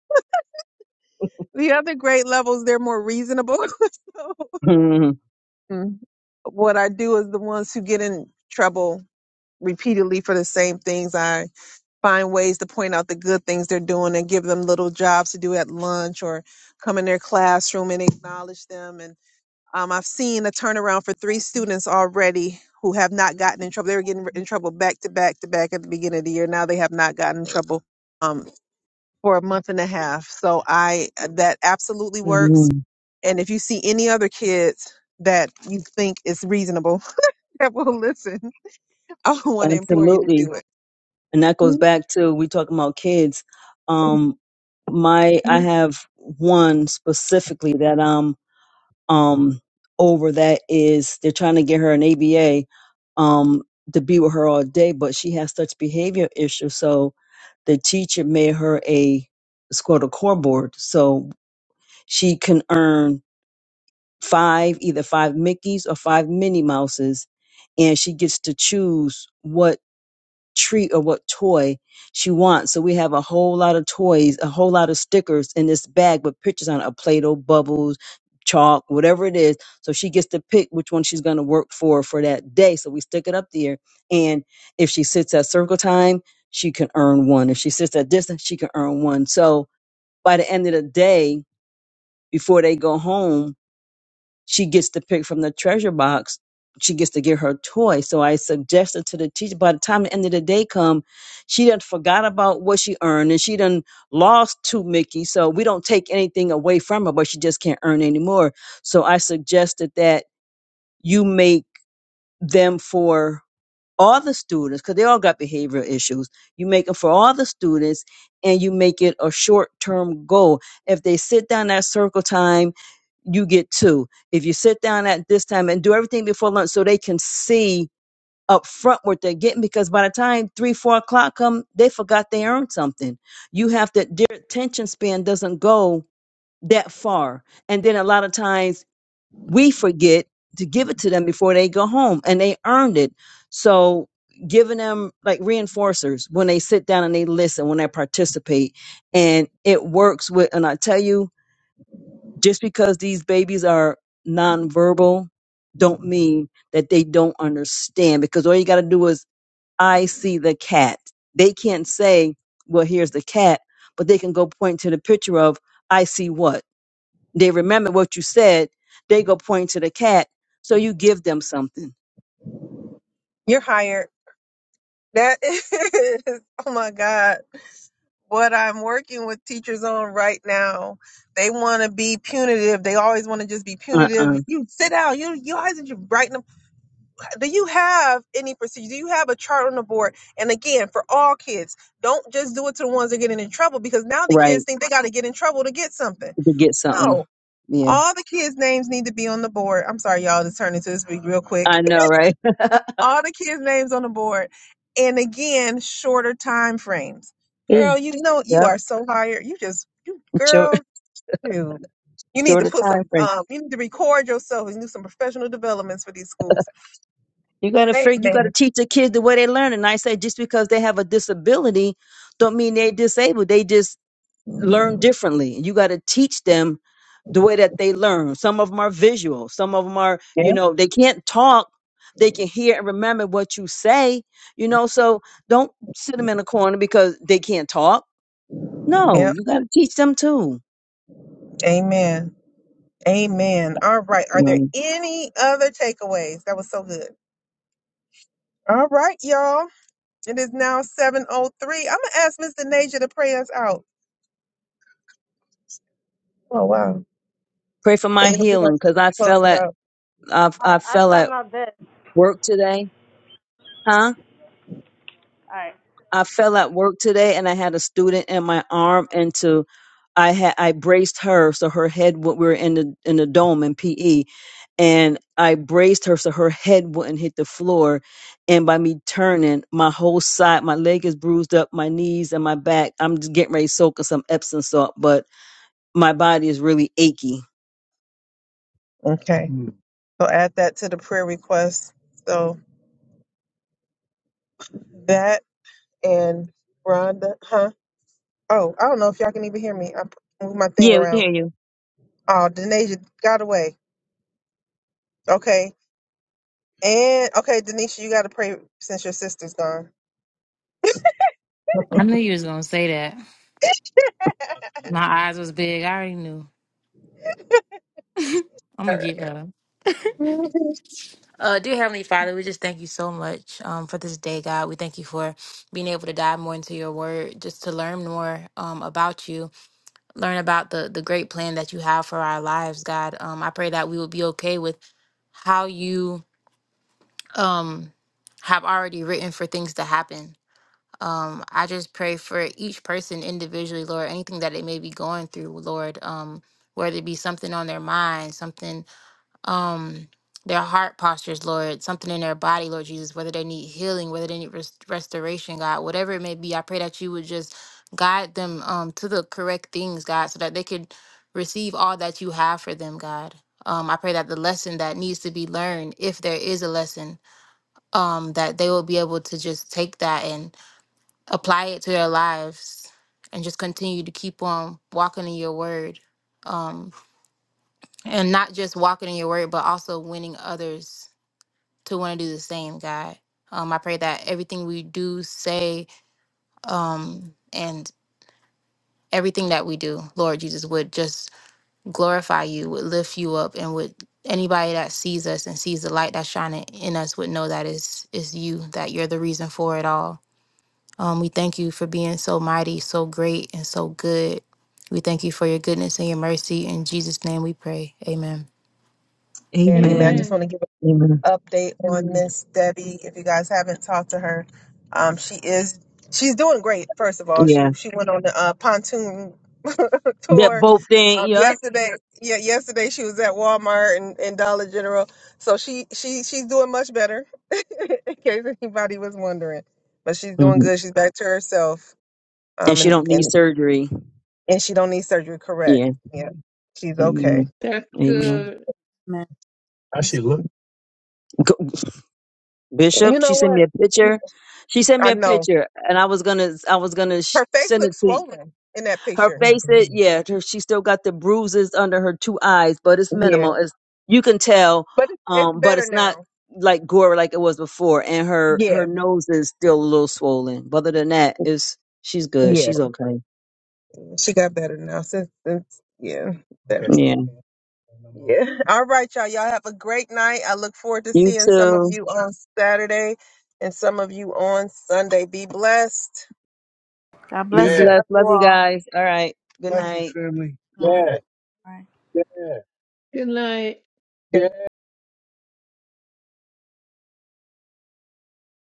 A: the other grade levels they're more reasonable. <laughs> so
D: <laughs>
A: mm, what I do is the ones who get in trouble repeatedly for the same things I find ways to point out the good things they're doing and give them little jobs to do at lunch or come in their classroom and acknowledge them Um, I've seen a turnaround for three students already who have not gotten in trouble. They were getting in trouble back to back to back at the beginning of the year. Now they have not gotten in trouble um, for a month and a half. So I uh, that absolutely works.
D: Mhm.
A: And if you see any other kids that you think is reasonable <laughs> that will listen, <laughs> I want to implore you to
D: Absolutely.
A: do it.
D: And that goes back to we talking about kids. Um my I have one specifically that I'm um over that is they're trying to get her an ABA um to be with her all day, but she has such behavior issues. So the teacher made her a it's called a core board. So she can earn five, either five Mickeys or five Minnie Mouses, and she gets to choose what treat or what toy she wants. So we have a whole lot of toys, a whole lot of stickers in this bag with pictures on it a Play-Doh, bubbles, chalk, whatever it is. So she gets to pick which one she's going to work for for that day. So we stick it up there. And if she sits at circle time, she can earn one. If she sits at distance, she can earn one. So by the end of the day, before they go home, she gets to pick from the treasure box. She gets to get her toy. So I suggested to the teacher by the time the end of the day come, she done forgot about what she earned and she done lost to Mickey. So we don't take anything away from her, but she just can't earn anymore. So I suggested that you make them for all the students, because they all got behavioral issues. You make it for all the students and you make it a short term goal. If they sit down at circle time, you get two. If you sit down at this time and do everything before lunch so they can see up front what they're getting, because by the time three, four o'clock come, they forgot they earned something. You have to, their attention span doesn't go that far. And then a lot of times we forget to give it to them before they go home and they earned it. So giving them like reinforcers when they sit down and they listen, when they participate and it works with, and I tell you, just because these babies are nonverbal don't mean that they don't understand because all you got to do is I see the cat. They can't say, well, here's the cat, but they can go point to the picture of I see what they remember what you said. They go point to the cat. So you give them something.
A: You're hired. That <laughs> is, oh my God. what I'm working with teachers on right now, they want to be punitive. They always want to just be
D: Uh
A: punitive.
D: uh
A: You sit down. You you always need to write Do you have any procedure? Do you have a chart on the board? And again, for all kids, don't just do it to the ones that are getting in trouble because now the
D: Right.
A: kids think they got to get in trouble to get something.
D: To get something.
A: No,
D: Yeah.
A: all the kids' names need to be on the board. I'm sorry, y'all. This turned into this week real quick
D: I know, right? <laughs>
A: all the kids' names on the board. And again, shorter time frames.
D: Yeah.
A: Girl, you know you
D: Yep.
A: are so hired. You just you
D: Short,
A: girl, dude. You need to
D: shorter
A: put some
D: time frame.
A: um you need to record yourself and do some professional developments for these schools.
D: You gotta figure, you gotta
A: Amen.
D: teach the kids the way they learn. And I say just because they have a disability don't mean they're disabled. They just learn differently. You got to teach them the way that they learn. Some of them are visual. Some of them are,
A: Yeah.
D: you know, they can't talk. They can hear and remember what you say, you know. So don't sit them in a corner because they can't talk. No,
A: Yep.
D: you got to teach them too.
A: Amen. Amen. All right. Are
D: You
A: there
D: know,
A: any other takeaways? That was so good. All right, y'all. It is now 7.03. I'm going to ask Mr. Naja to pray us out. Oh, wow.
D: pray for my
A: And we're going
D: healing
A: to
D: because I
A: close
D: fell
A: it
D: at
A: out.
D: I,
F: All right,
D: I
F: I'll
D: fell
F: try
D: at
F: my best.
D: work today, huh?
F: All right.
D: I fell at work today and I had a student in my arm and to I had I braced her so her head wa- we were in the in the dome in PE and I braced her so her head wouldn't hit the floor and by me turning my whole side my leg is bruised up my knees and my back I'm just getting ready to soak in some Epsom salt but my body is really achy.
A: Okay. Mm. So add that to the prayer request. So that and Rhonda, huh? Oh, I don't know if y'all can even hear me. I p- moved my thing
D: Yeah, we can
A: around.
D: hear you.
A: Oh, Denasia got away. Okay. And okay, Denisha, you gotta pray since your sister's gone.
B: I knew you was gonna say that.
A: <laughs> All
B: My eyes was big. I already knew. I'm gonna get
A: right.
B: her.
A: <laughs>
B: Uh, dear Heavenly Father, we just thank you so much um, for this day, God. We thank you for being able to dive more into your word, just to learn more um, about you. learn about the the great plan that you have for our lives, God. Um, I pray that we will be okay with how you um have already written for things to happen. Um, I just pray for each person individually, Lord, anything that they may be going through, Lord, um, whether it be something on their mind, something um their heart postures, Lord, something in their body, Lord Jesus, whether they need healing, whether they need rest- restoration, God, whatever it may be, I pray that you would just guide them um to the correct things, God, so that they could receive all that you have for them, God. Um, I pray that the lesson that needs to be learned, if there is a lesson, um, that they will be able to just take that and apply it to their lives and just continue to keep on walking in your word. Um, and not just walking in your word, but also winning others to want to do the same, God. Um, I pray that everything we do, say, um, and everything that we do, Lord Jesus, would just glorify you, would lift you up, and would anybody that sees us and sees the light that's shining in us would know that it's, it's you, that you're the reason for it all. Um, we thank you for being so mighty, so great, and so good. We thank you for your goodness and your mercy. In Jesus' name we pray. Amen.
D: Mm.
A: Man, amen. I
D: Amen.
A: just
C: Amen.
A: want to give
D: Amen.
A: update on
D: Mm.
A: Miss Debbie. If you guys haven't talked to her, um, she is she's doing great. First of all, she
D: Yeah.
A: she went on the uh, pontoon <laughs>
D: That
A: tour
D: both thing,
A: um,
D: yeah.
A: yesterday. Yeah, yesterday she was at Walmart and, and Dollar General, so she she she's doing much better. <laughs> in case anybody was wondering, but she's doing
D: Mhm.
A: good. She's back to herself,
D: And
A: um,
D: she
A: and
D: don't need
A: and
D: surgery.
A: and she don't need surgery.
D: Yeah.
A: Correct? Yeah, she's okay.
D: Amen.
C: That's
D: Amen.
C: good.
G: Amen.
A: How she
G: Yes.
A: look?
D: Go- Bishop,
A: You
D: she
A: know
D: sent
A: what?
D: me a picture. She sent me
A: I
D: a
A: know.
D: picture, and I was gonna, I was gonna sh-
A: Her face
D: send it
A: looks
D: to you.
A: swollen in that
D: her
A: picture.
D: face. It, yeah, her, she still got the bruises under her two eyes, but it's
A: Yeah,
D: minimal. It's you can tell,
A: but it's, it's
D: um, but
A: better
D: it's not
A: now.
D: like gore like it was before. And her her
A: Yeah,
D: nose is still a little swollen, but other than that, it's she's good.
A: yeah,
D: She's okay.
A: she got better now since since yeah. better.
D: Yeah.
A: Yeah. All right, y'all. Y'all have a great night. I look forward to
D: You
A: seeing some of
D: too.
A: you on Saturday and some of you on Sunday. Be blessed.
G: God
D: Be
G: bless you.
A: Yeah,
G: Love
D: blessed.
G: you
D: Love you
G: all.
D: guys. All right. Good
G: Thank you.
D: Blessings, night. family.
G: Right.
A: yeah,
G: Right.
A: yeah.
C: Good night.